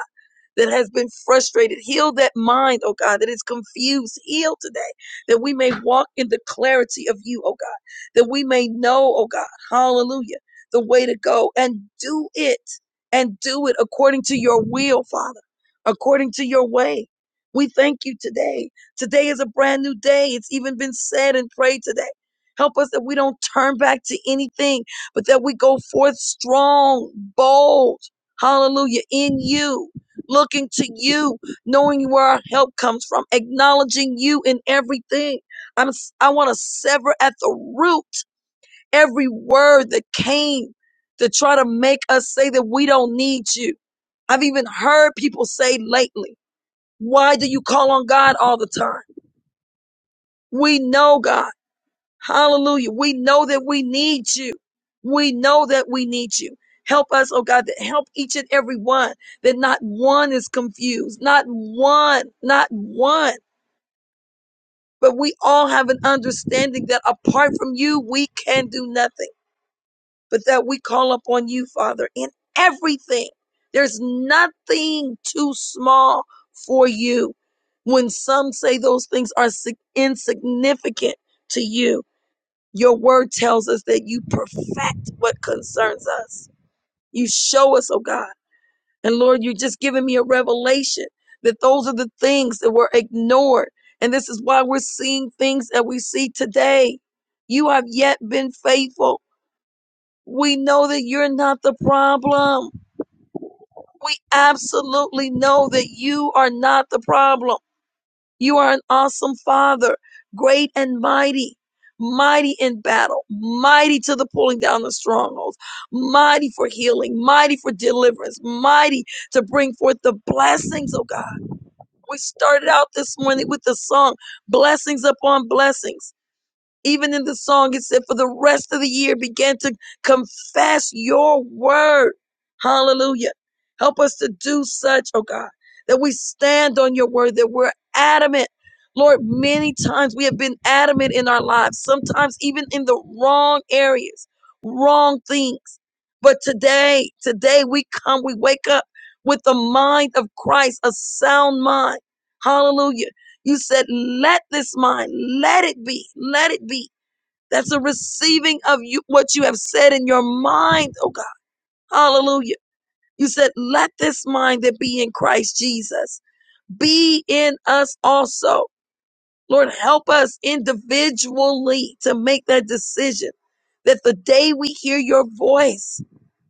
[SPEAKER 1] that has been frustrated. Heal that mind, oh God, that is confused. Heal today, that we may walk in the clarity of you, oh God, that we may know, oh God, hallelujah, the way to go and do it and do it according to your will, Father, according to your way. We thank you today. Today is a brand new day. It's even been said and prayed today. Help us that we don't turn back to anything, but that we go forth strong, bold, hallelujah, in you looking to you, knowing where our help comes from, acknowledging you in everything. I'm s- I want to sever at the root every word that came to try to make us say that we don't need you. I've even heard people say lately, why do you call on God all the time? We know God. Hallelujah. We know that we need you. We know that we need you. Help us, oh God, that help each and every one, that not one is confused, not one, not one. But we all have an understanding that apart from you, we can do nothing, but that we call upon you, Father, in everything. There's nothing too small for you. When some say those things are sig- insignificant to you, your word tells us that you perfect what concerns us. You show us, oh God. And Lord, you're just giving me a revelation that those are the things that were ignored. And this is why we're seeing things that we see today. You have yet been faithful. We know that you're not the problem. We absolutely know that you are not the problem. You are an awesome father, great and mighty, mighty in battle, mighty to the pulling down of strongholds, mighty for healing, mighty for deliverance, mighty to bring forth the blessings of God. We started out this morning with the song, blessings upon blessings. Even in the song, it said, for the rest of the year, began to confess your word. Hallelujah. Help us to do such, oh God, that we stand on your word, that we're adamant. Lord, many times we have been adamant in our lives, sometimes even in the wrong areas, wrong things. But today, today we come, we wake up with the mind of Christ, a sound mind. Hallelujah you said, let this mind, let it be, let it be. That's a receiving of you, what you have said in your mind, oh God. Hallelujah. You said, let this mind that be in Christ Jesus be in us also. Lord, help us individually to make that decision that the day we hear your voice,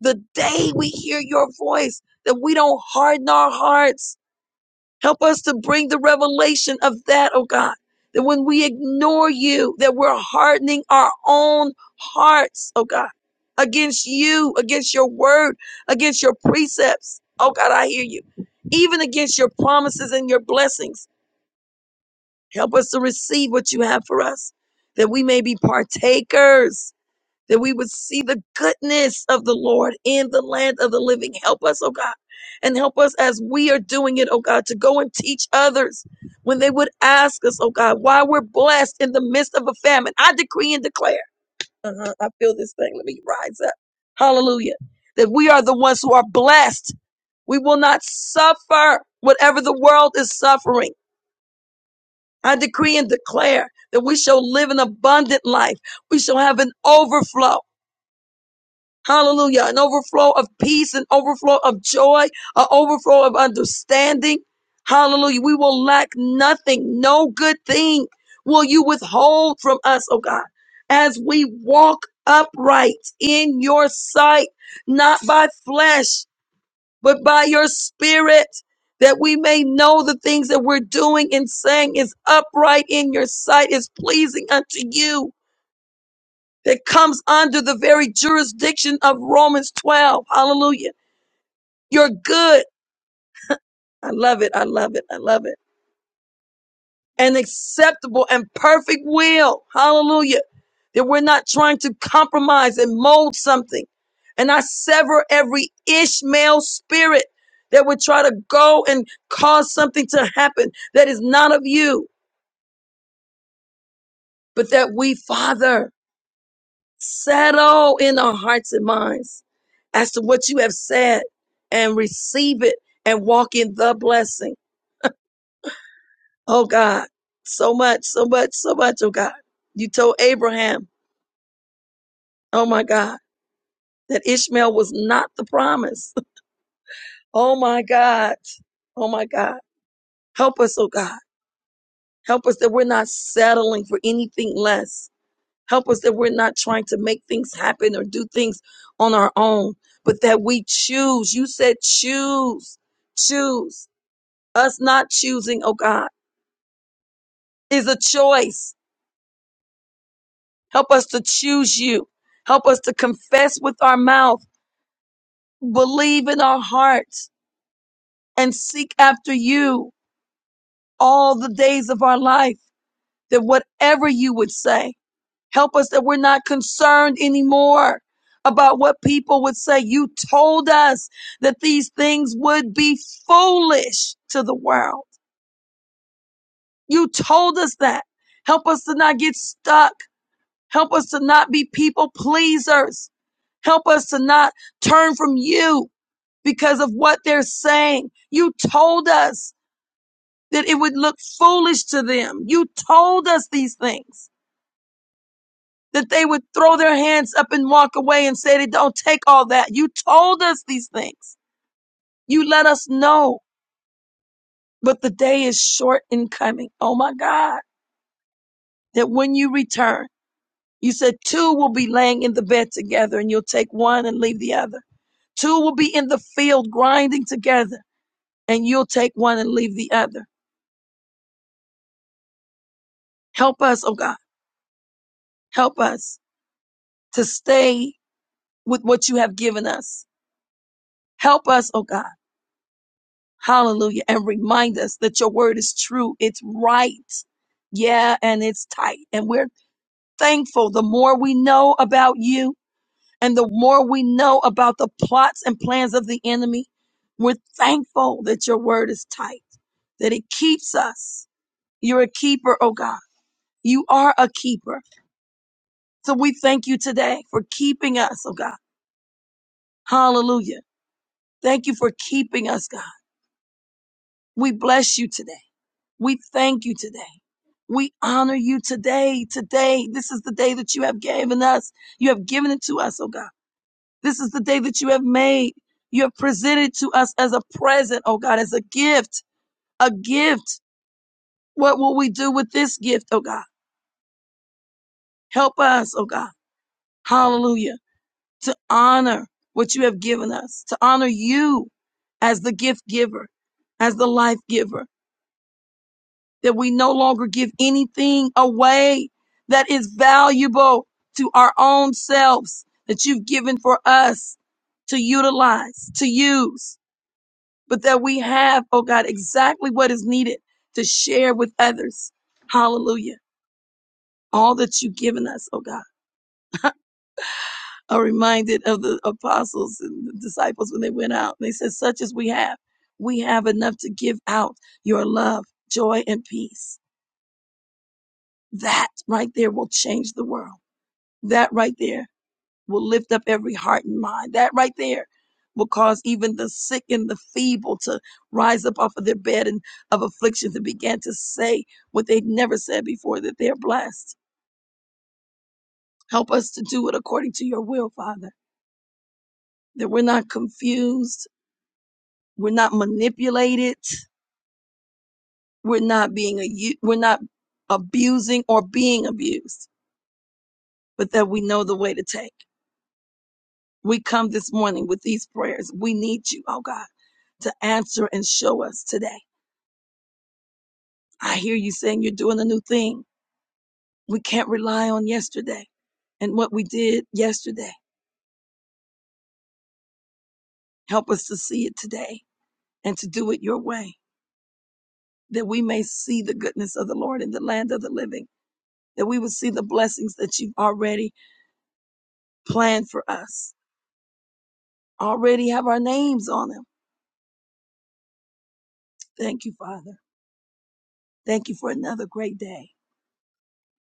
[SPEAKER 1] the day we hear your voice, that we don't harden our hearts Help us to bring the revelation of that, oh God, that when we ignore you, that we're hardening our own hearts, oh God, against you, against your word, against your precepts. Oh God, I hear you. Even against your promises and your blessings. Help us to receive what you have for us, that we may be partakers that we would see the goodness of the Lord in the land of the living. Help us, oh God, and help us as we are doing it, oh God, to go and teach others when they would ask us, oh God, why we're blessed in the midst of a famine. I decree and declare. Uh-huh, I feel this thing. Let me rise up. Hallelujah. That we are the ones who are blessed. We will not suffer whatever the world is suffering. I decree and declare that we shall live an abundant life. We shall have an overflow. Hallelujah. An overflow of peace, an overflow of joy, an overflow of understanding. Hallelujah. We will lack nothing. No good thing will you withhold from us, oh God, as we walk upright in your sight, not by flesh, but by your spirit, that we may know the things that we're doing and saying is upright in your sight, is pleasing unto you that comes under the very jurisdiction of Romans 12. Hallelujah. You're good. I love it. I love it. I love it. An acceptable and perfect will. Hallelujah. That we're not trying to compromise and mold something. And I sever every Ishmael spirit that would try to go and cause something to happen that is not of you, but that we, Father, Settle in our hearts and minds as to what you have said and receive it and walk in the blessing. Oh God, so much, so much, so much, oh God. You told Abraham, oh my God, that Ishmael was not the promise. Oh my God, oh my God. Help us, oh God. Help us that we're not settling for anything less Help us that we're not trying to make things happen or do things on our own, but that we choose. You said choose, choose. Us not choosing, oh God, is a choice. Help us to choose you. Help us to confess with our mouth, believe in our hearts, and seek after you all the days of our life, that whatever you would say, Help us that we're not concerned anymore about what people would say. You told us that these things would be foolish to the world. You told us that. Help us to not get stuck. Help us to not be people pleasers. Help us to not turn from you because of what they're saying. You told us that it would look foolish to them. You told us these things. that they would throw their hands up and walk away and say, they don't take all that. You told us these things. You let us know. But the day is short in coming. Oh my God. That when you return, you said two will be laying in the bed together and you'll take one and leave the other. Two will be in the field grinding together and you'll take one and leave the other. Help us, oh God. Help us to stay with what you have given us. Help us, oh God Hallelujah. And remind us that your word is true. It's right. Yeah. And it's tight. And we're thankful the more we know about you and the more we know about the plots and plans of the enemy. We're thankful that your word is tight, that it keeps us. You're a keeper, oh God. You are a keeper. So we thank you today for keeping us, oh God. Hallelujah. Thank you for keeping us, God. We bless you today. We thank you today. We honor you today. Today, this is the day that you have given us. You have given it to us, oh God. This is the day that you have made. You have presented to us as a present, oh God, as a gift, a gift. What will we do with this gift, oh God? Help us, oh God. Hallelujah. To honor what you have given us, to honor you as the gift giver, as the life giver. that we no longer give anything away that is valuable to our own selves that you've given for us to utilize, to use, but that we have, oh God, exactly what is needed to share with others. Hallelujah. All that you've given us, oh God. I'm reminded of the apostles and the disciples when they went out. They said, such as we have, we have enough to give out your love, joy, and peace. That right there will change the world That right there will lift up every heart and mind. That right there will cause even the sick and the feeble to rise up off of their bed and of afflictions and begin to say what they'd never said before that they're blessed. Help us to do it according to your will, Father, that we're not confused, we're not manipulated, we're not being a, we're not abusing or being abused, but that we know the way to take. We come this morning with these prayers. We need you, oh God, to answer and show us today. I hear you saying you're doing a new thing. We can't rely on yesterday and what we did yesterday. Help us to see it today and to do it your way, that we may see the goodness of the Lord in the land of the living, that we would see the blessings that you've already planned for us, already have our names on them. Thank you, Father. Thank you for another great day.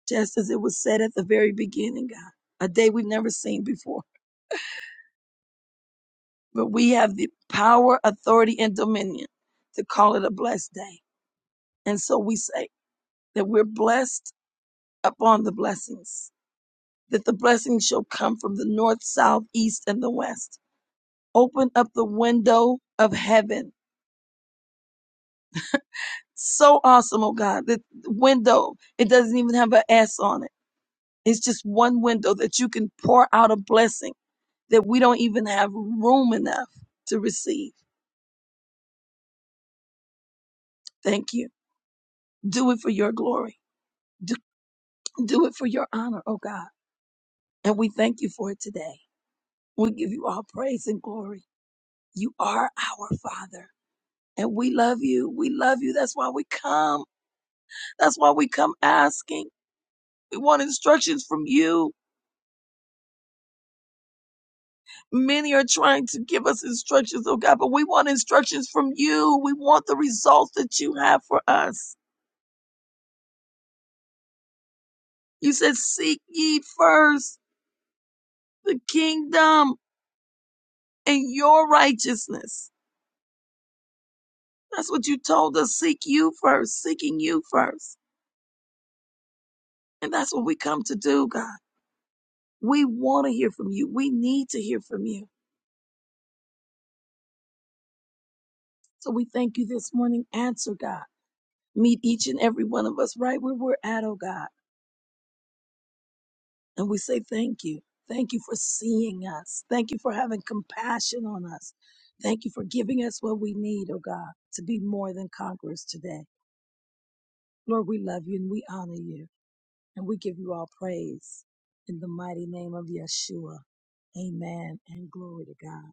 [SPEAKER 1] just as it was said at the very beginning, God, a day we've never seen before. But we have the power, authority, and dominion to call it a blessed day. And so we say that we're blessed upon the blessings, that the blessings shall come from the north, south, east, and the west. Open up the window of heaven. So awesome, oh God, the window, it doesn't even have an S on it. It's just one window that you can pour out a blessing that we don't even have room enough to receive. Thank you. Do it for your glory. Do, do it for your honor, oh God. And we thank you for it today. We give you all praise and glory. You are our Father. And we love you. We love you. That's why we come. That's why we come asking. We want instructions from you. Many are trying to give us instructions, oh God, but we want instructions from you. We want the results that you have for us. You said, Seek ye first. the kingdom and your righteousness. That's what you told us. Seek you first, seeking you first. And that's what we come to do, God. We want to hear from you. We need to hear from you. So we thank you this morning. Answer, God. Meet each and every one of us right where we're at, oh God. And we say thank you. Thank you for seeing us. Thank you for having compassion on us. Thank you for giving us what we need, oh God, to be more than conquerors today. Lord, we love you and we honor you. And we give you all praise in the mighty name of Yeshua. Amen. And glory to God.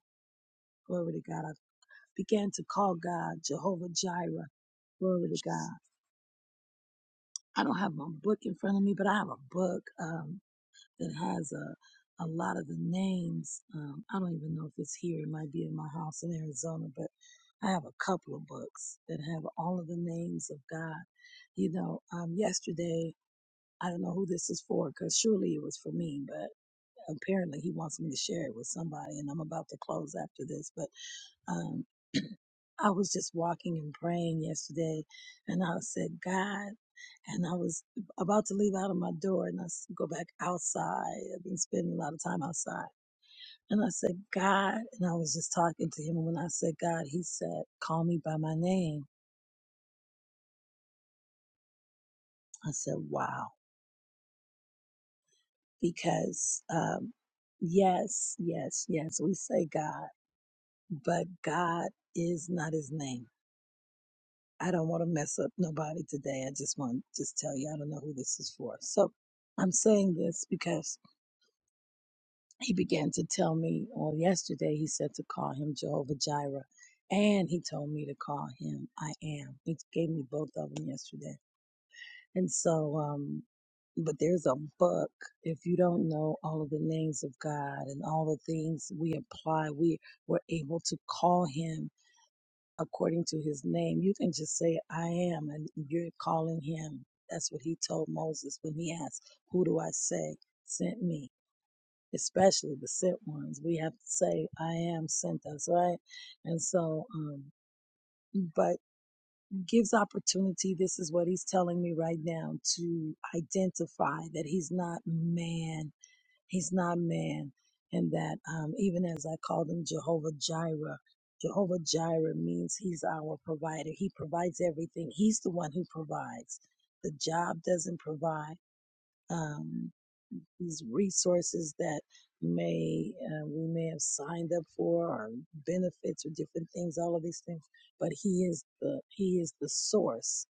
[SPEAKER 1] Glory to God. I began to call God Jehovah Jireh. Glory to God. I don't have my book in front of me, but I have a book um, that has a, a lot of the names. Um, I don't even know if it's here. It might be in my house in Arizona, but I have a couple of books that have all of the names of God. You know, um, yesterday, I don't know who this is for because surely it was for me, but. apparently he wants me to share it with somebody and I'm about to close after this, but um I was just walking and praying yesterday and I said, God, and I was about to leave out of my door and I s- go back outside. I've been spending a lot of time outside. And I said, God, and I was just talking to him. And when I said God, he said, call me by my name. I said, wow, because, um, yes, yes, yes, we say God, but God is not his name. I don't want to mess up nobody today. I just want to just tell you, I don't know who this is for. So I'm saying this because he began to tell me, or yesterday he said to call him Jehovah Jireh, and he told me to call him I am. He gave me both of them yesterday, and so um, but there's a book. If you don't know all of the names of God and all the things we apply, we were able to call him according to his name. You can just say, I am, and you're calling him. That's what he told Moses when he asked, Who do I say sent me? Especially the sent ones. We have to say, I am sent us, right? And so, um, but gives opportunity. This is what he's telling me right now to identify that he's not man He's not man. And that um, even as I called him Jehovah Jireh, Jehovah Jireh means he's our provider. He provides everything. He's the one who provides. The job doesn't provide um, these resources that may uh, we may have signed up for or benefits or different things. All of these things, but he is the he is the source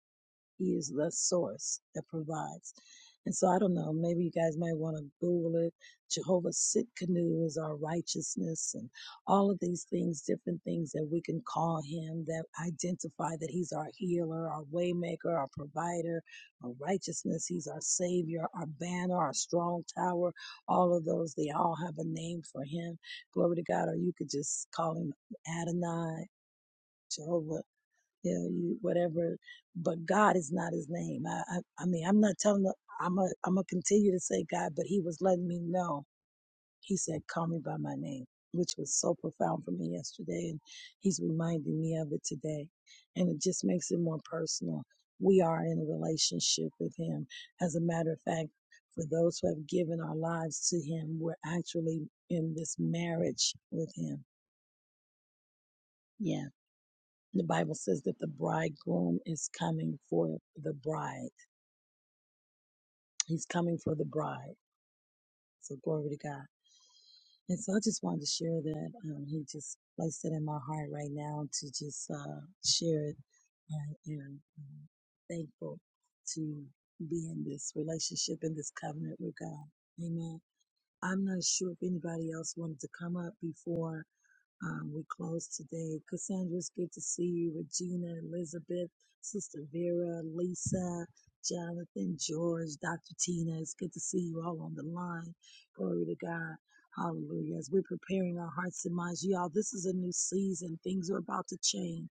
[SPEAKER 1] he is the source that provides. And so I don't know, maybe you guys might want to Google it. Jehovah Sit is our righteousness and all of these things, different things that we can call him that identify that he's our healer, our waymaker, our provider, our righteousness. He's our savior, our banner, our strong tower. All of those, they all have a name for him. Glory to God. Or you could just call him Adonai, Jehovah you know, you whatever. But God is not his name. I, I, I mean, I'm not telling. The, I'm a, I'm gonna continue to say God, but He was letting me know. He said, "Call me by my name," which was so profound for me yesterday, and He's reminding me of it today, and it just makes it more personal. We are in a relationship with Him. As a matter of fact, for those who have given our lives to Him, we're actually in this marriage with Him. Yeah the Bible says that the bridegroom is coming for the bride. He's coming for the bride. So glory to God. And so I just wanted to share that. Um, he just placed it in my heart right now to just uh, share it. And, and I'm thankful to be in this relationship, in this covenant with God. Amen. I'm not sure if anybody else wanted to come up before Um, we close today. Cassandra, it's good to see you. Regina, Elizabeth, Sister Vera, Lisa, Jonathan, George, Dr. Tina, it's good to see you all on the line. Glory to God. Hallelujah. As we're preparing our hearts and minds, y'all, this is a new season. Things are about to change.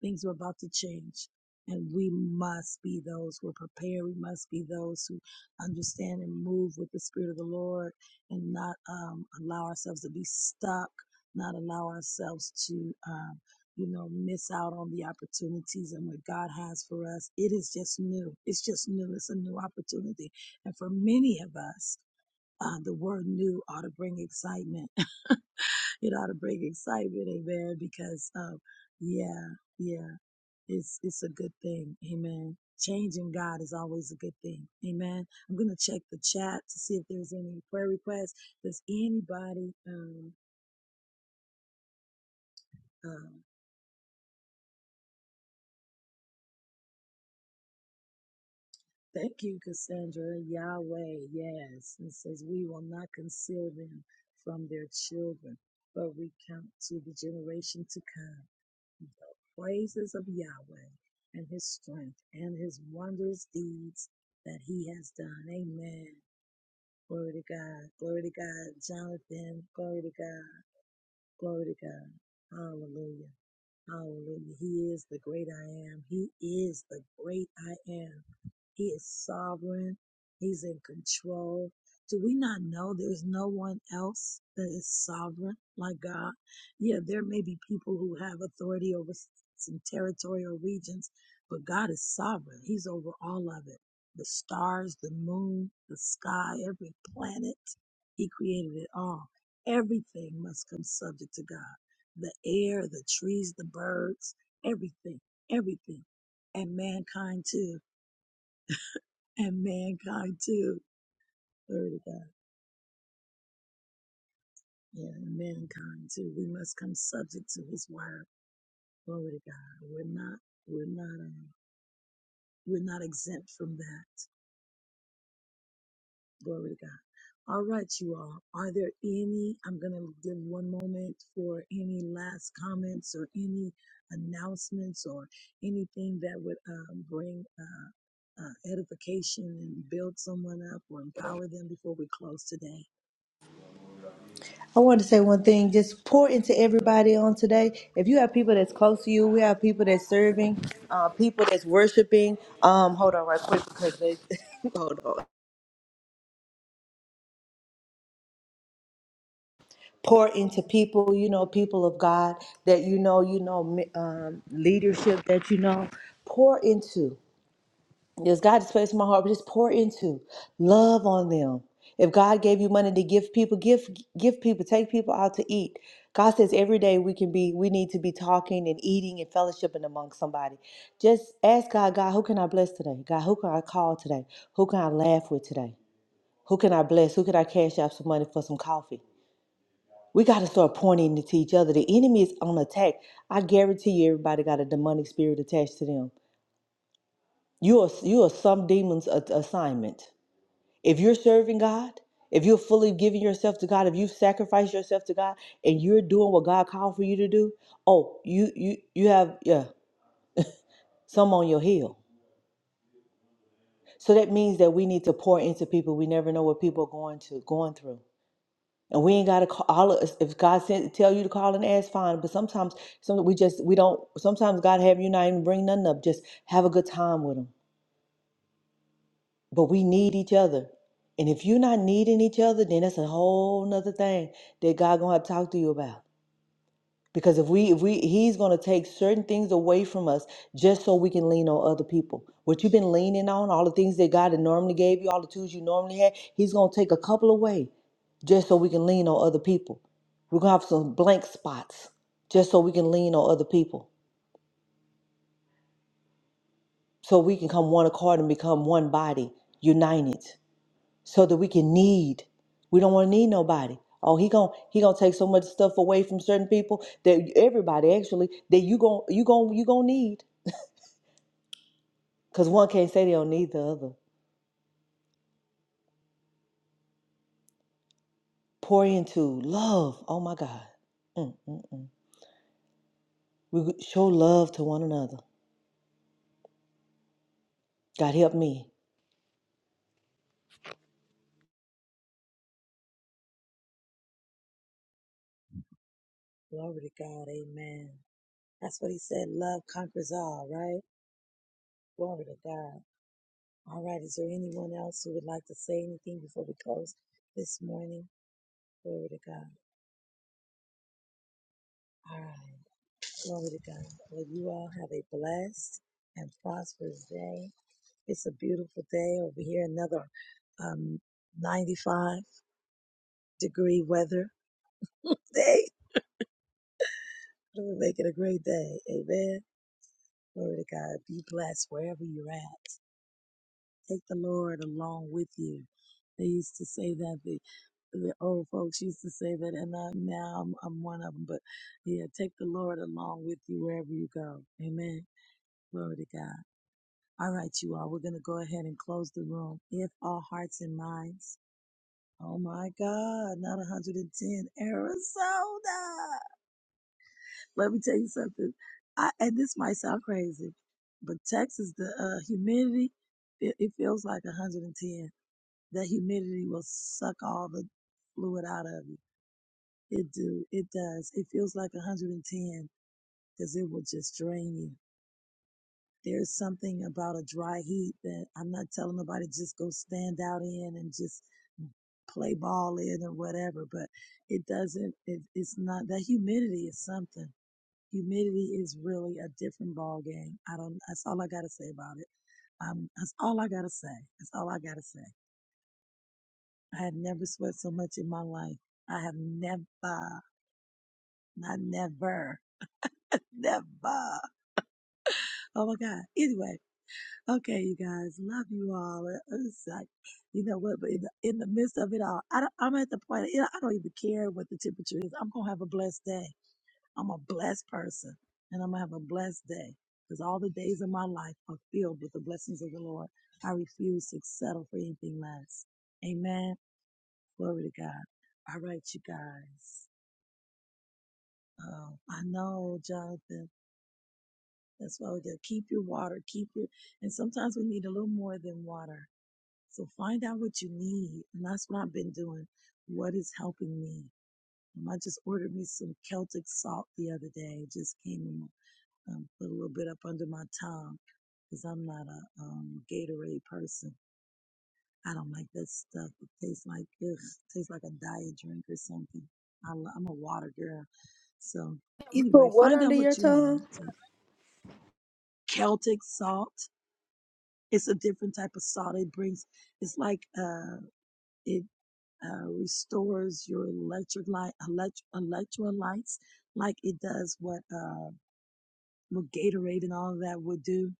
[SPEAKER 1] Things are about to change. And we must be those who are prepared. We must be those who understand and move with the Spirit of the Lord and not um, allow ourselves to be stuck, not allow ourselves to, um, you know, miss out on the opportunities and what God has for us. It is just new. It's just new. It's a new opportunity. And for many of us, uh, the word new ought to bring excitement it ought to bring excitement, amen. Because um, yeah, yeah. It's it's a good thing. Amen. Changing God is always a good thing. Amen. I'm gonna check the chat to see if there's any prayer requests. Does anybody um uh, thank you, Cassandra, Yahweh, yes. It says we will not conceal them from their children, but recount to the generation to come the praises of Yahweh and his strength and his wondrous deeds that he has done. Amen. Glory to God. Glory to God. Jonathan, glory to God. Glory to God. Hallelujah. Hallelujah. He is the great I am. He is the great I am. He is sovereign. He's in control. Do we not know there's no one else that is sovereign like God? Yeah, there may be people who have authority over s- some territory or regions, but God is sovereign. He's over all of it the stars, the moon, the sky, every planet. He created it all. Everything must come subject to God the air, the trees, the birds, everything, everything. And mankind too and mankind too. Glory to God. Yeah, and mankind too. We must come subject to His word. Glory to God. We're not. We're not. Uh, we're not exempt from that. Glory to God. All right, you all. Are there any? I'm gonna give one moment for any last comments or any announcements or anything that would um, bring uh, uh, edification and build someone up or empower them before we close today.
[SPEAKER 6] I want to say one thing. Just pour into everybody on today. If you have people that's close to you, we have people that's serving, uh, people that's worshiping. Um, hold on, right quick, because they hold on. Pour into people, you know, people of God that you know, you know, um, leadership that you know. Pour into. Yes, God has placed in my heart, but just pour into love on them. If God gave you money to give people, give give people, take people out to eat. God says every day we can be, we need to be talking and eating and fellowshipping among somebody. Just ask God, God, who can I bless today? God, who can I call today? Who can I laugh with today? Who can I bless? Who can I cash out some money for some coffee? We got to start pointing to each other. The enemy is on attack. I guarantee you, everybody got a demonic spirit attached to them. You are you are some demon's a- assignment. If you're serving God, if you're fully giving yourself to God, if you've sacrificed yourself to God and you're doing what God called for you to do, oh, you you you have yeah, some on your heel. So that means that we need to pour into people. We never know what people are going to going through. And we ain't gotta call all of us. If God sent tell you to call and ask, fine. But sometimes, some we just we don't. Sometimes God have you not even bring nothing up. Just have a good time with them. but we need each other. And if you're not needing each other, then that's a whole nother thing that God gonna have to talk to you about. Because if we if we he's gonna take certain things away from us just so we can lean on other people. What you've been leaning on, all the things that God had normally gave you, all the tools you normally had, he's gonna take a couple away just so we can lean on other people. We're gonna have some blank spots just so we can lean on other people. So we can come one accord and become one body, united. so that we can need. We don't want to need nobody. Oh, he gon' he gonna take so much stuff away from certain people that everybody actually that you gon' you gon' you gon' need because one can't say they don't need the other. Pour into love. Oh my God, Mm, mm, mm. we show love to one another. God help me.
[SPEAKER 1] Glory to God. Amen. That's what he said. Love conquers all, right? Glory to God. All right. Is there anyone else who would like to say anything before we close this morning? Glory to God. All right. Glory to God. Well, you all have a blessed and prosperous day. It's a beautiful day over here. Another um, 95 degree weather day. We make it a great day. Amen. Glory to God. Be blessed wherever you're at. Take the Lord along with you. They used to say that the the old folks used to say that, and I, now I'm, I'm one of them. But yeah, take the Lord along with you wherever you go. Amen. Glory to God. All right, you all. We're going to go ahead and close the room. If all hearts and minds. Oh my God, not 110 Arizona. Let me tell you something. I, and this might sound crazy, but Texas, the uh, humidity, it, it feels like 110. The humidity will suck all the fluid out of you. It do. It does. It feels like 110 because it will just drain you. There's something about a dry heat that I'm not telling nobody just go stand out in and just play ball in or whatever, but it doesn't, it, it's not, that humidity is something. Humidity is really a different ball game. I don't, that's all I got to say about it. Um, that's all I got to say. That's all I got to say. I had never sweat so much in my life. I have never, not never, never. Oh my God. Anyway, okay, you guys, love you all. It- It's like, you know what? But in the, in the midst of it all, I don't, I'm at the point, you know, I don't even care what the temperature is. I'm going to have a blessed day. I'm a blessed person and I'm going to have a blessed day because all the days of my life are filled with the blessings of the Lord. I refuse to settle for anything less. Amen. Glory to God. All right, you guys. Oh, I know, Jonathan. That's why we got to keep your water, keep your, and sometimes we need a little more than water. So find out what you need. And that's what I've been doing. What is helping me? Um, I just ordered me some Celtic salt the other day. It just came and um, put a little bit up under my tongue because I'm not a um, Gatorade person. I don't like that stuff. It tastes like, ugh, tastes like a diet drink or something. I, lo- I'm a water girl. So
[SPEAKER 6] You put
[SPEAKER 1] anyway,
[SPEAKER 6] what
[SPEAKER 1] find
[SPEAKER 6] under
[SPEAKER 1] out
[SPEAKER 6] your
[SPEAKER 1] what you
[SPEAKER 6] tongue?
[SPEAKER 1] need. Celtic salt. It's a different type of salt. It brings, it's like, uh, it, uh, restores your electric light, elect, electrolytes, like it does what, uh, what Gatorade and all of that would do.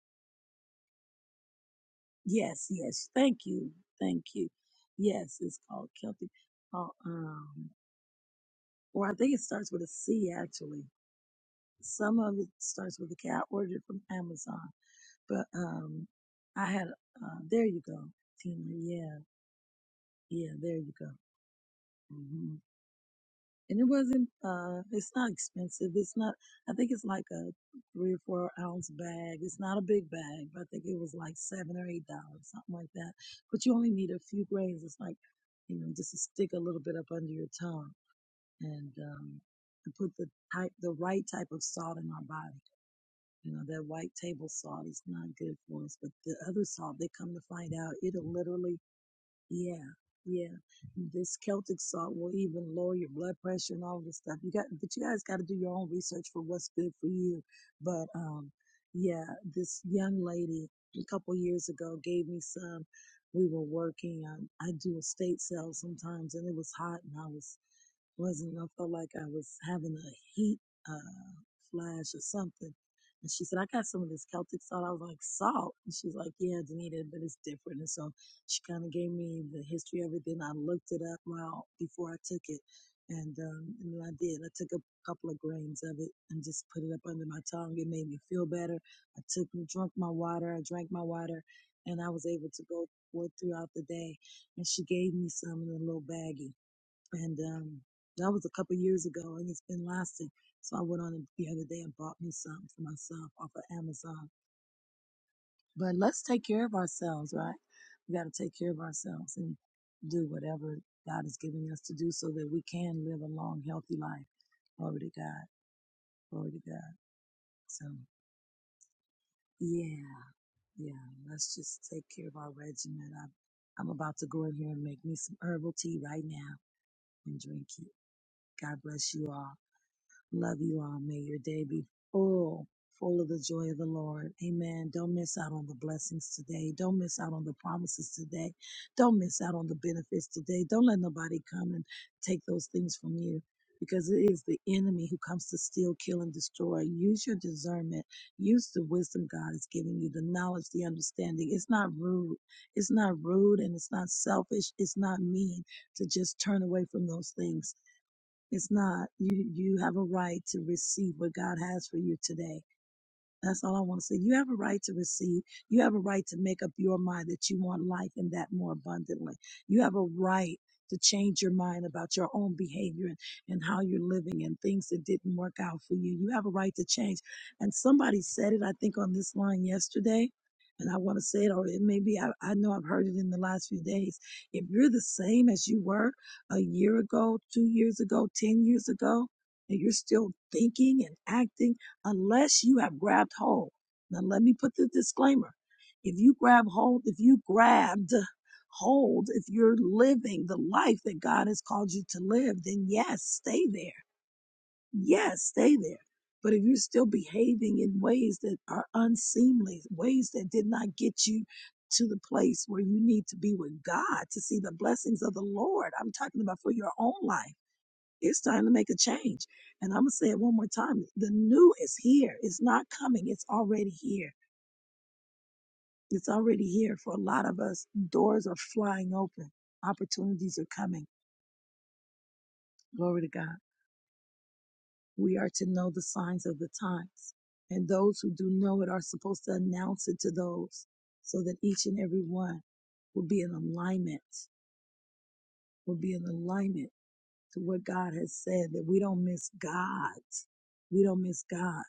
[SPEAKER 1] Yes, yes. Thank you. Thank you. Yes, it's called Celtic. Uh, um, or I think it starts with a C actually. Some of it starts with a K. I ordered it from Amazon, but, um, I had, uh, there you go, Tina. Yeah. Yeah, there you go. hmm And it wasn't. Uh, it's not expensive. It's not. I think it's like a three or four ounce bag. It's not a big bag, but I think it was like seven or eight dollars, something like that. But you only need a few grains. It's like, you know, just to stick a little bit up under your tongue and um, to put the type, the right type of salt in our body. You know, that white table salt is not good for us, but the other salt, they come to find out, it'll literally yeah, yeah. This Celtic salt will even lower your blood pressure and all this stuff. You got, but you guys got to do your own research for what's good for you. But um, yeah, this young lady a couple years ago gave me some. We were working. I, I do estate sales sometimes, and it was hot, and I was wasn't I felt like I was having a heat uh flash or something. And she said, I got some of this Celtic salt. I was like, salt? And she's like, yeah, Danita, but it's different. And so she kind of gave me the history of it. Then I looked it up while before I took it. And, um, and then I did. I took a couple of grains of it and just put it up under my tongue. It made me feel better. I took, drunk my water. I drank my water and I was able to go forth throughout the day. And she gave me some in a little baggie and um, that was a couple years ago, and it's been lasting. So I went on the other day and bought me some for myself off of Amazon. But let's take care of ourselves, right? We got to take care of ourselves and do whatever God is giving us to do, so that we can live a long, healthy life. Glory to God. Glory to God. So yeah, yeah. Let's just take care of our regimen. I'm, I'm about to go in here and make me some herbal tea right now and drink it. God bless you all. Love you all. May your day be full, full of the joy of the Lord. Amen. Don't miss out on the blessings today. Don't miss out on the promises today. Don't miss out on the benefits today. Don't let nobody come and take those things from you because it is the enemy who comes to steal, kill, and destroy. Use your discernment. Use the wisdom God is giving you, the knowledge, the understanding. It's not rude. It's not rude and it's not selfish. It's not mean to just turn away from those things it's not. You you have a right to receive what God has for you today. That's all I want to say. You have a right to receive. You have a right to make up your mind that you want life and that more abundantly. You have a right to change your mind about your own behavior and, and how you're living and things that didn't work out for you. You have a right to change. And somebody said it, I think, on this line yesterday. And I want to say it, or it may be, I, I know I've heard it in the last few days. If you're the same as you were a year ago, two years ago, 10 years ago, and you're still thinking and acting, unless you have grabbed hold. Now, let me put the disclaimer. If you grab hold, if you grabbed hold, if you're living the life that God has called you to live, then yes, stay there. Yes, stay there. But if you're still behaving in ways that are unseemly, ways that did not get you to the place where you need to be with God to see the blessings of the Lord, I'm talking about for your own life it's time to make a change. And I'm going to say it one more time. The new is here. It's not coming. It's already here. It's already here for a lot of us. Doors are flying open. Opportunities are coming. Glory to God. We are to know the signs of the times. And those who do know it are supposed to announce it to those so that each and every one will be in alignment, will be in alignment to what God has said, that we don't miss God. We don't miss God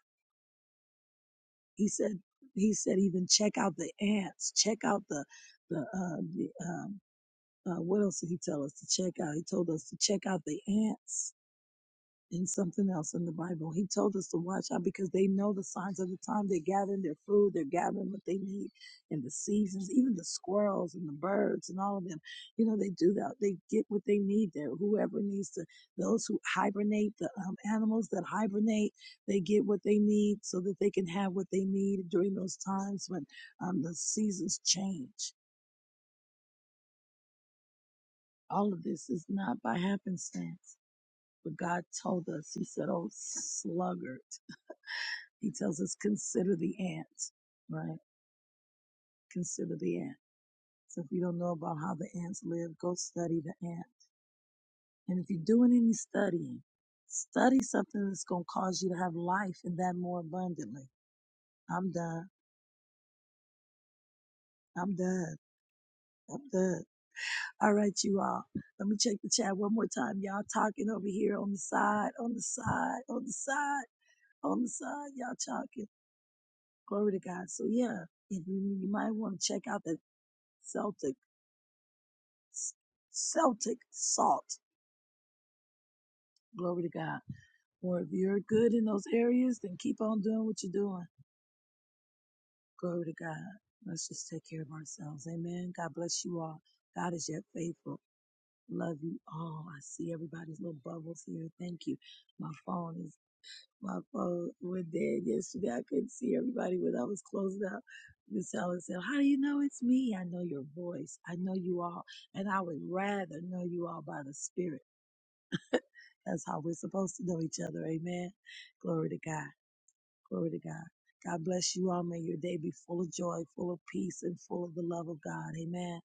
[SPEAKER 1] He said, he said, even check out the ants, check out the, the, uh, the um, uh, what else did he tell us to check out? He told us to check out the ants in something else in the Bible. He told us to watch out because they know the signs of the time. They're gathering their food, they're gathering what they need in the seasons, even the squirrels and the birds and all of them. You know, they do that. They get what they need there. Whoever needs to, those who hibernate, the um, animals that hibernate, they get what they need so that they can have what they need during those times when um, the seasons change. All of this is not by happenstance, but God told us, He said, Oh, sluggard. He tells us, consider the ants, right? Consider the ant. So if you don't know about how the ants live, go study the ant. And if you're doing any studying, study something that's going to cause you to have life and that more abundantly. I'm done. I'm done. I'm done. All right, you all. Let me check the chat one more time. Y'all talking over here on the side, on the side, on the side, on the side. Y'all talking. Glory to God. So yeah, if you, you might want to check out that Celtic." Celtic salt. Glory to God. Or if you're good in those areas, then keep on doing what you're doing. Glory to God. Let's just take care of ourselves. Amen. God bless you all. God is yet faithful. Love you all. I see everybody's little bubbles here. Thank you. My phone is, my phone went dead yesterday. I couldn't see everybody when I was closing out. Miss Helen said, How do you know it's me? I know your voice. I know you all. And I would rather know you all by the Spirit. That's how we're supposed to know each other. Amen. Glory to God. Glory to God. God bless you all. May your day be full of joy, full of peace, and full of the love of God. Amen.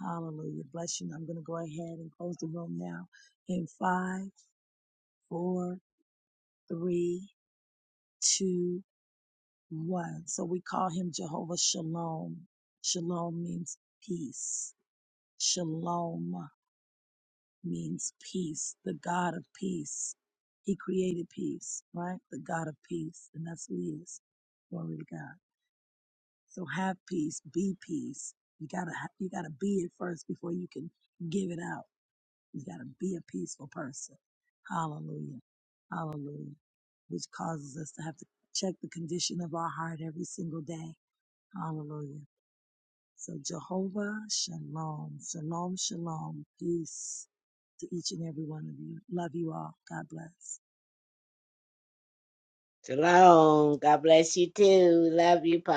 [SPEAKER 1] Hallelujah. Bless you. I'm going to go ahead and close the room now in five, four, three, two, one. So we call him Jehovah Shalom. Shalom means peace. Shalom. means peace, the God of peace. He created peace, right? The God of peace, and that's who he is. Glory to God. So have peace, be peace. You gotta ha- you gotta be it first before you can give it out. You gotta be a peaceful person. Hallelujah. Hallelujah. Which causes us to have to check the condition of our heart every single day. Hallelujah so Jehovah Shalom, Shalom, Shalom, peace to each and every one of you. Love you all. God bless.
[SPEAKER 4] Shalom. God bless you too. Love you, Pop.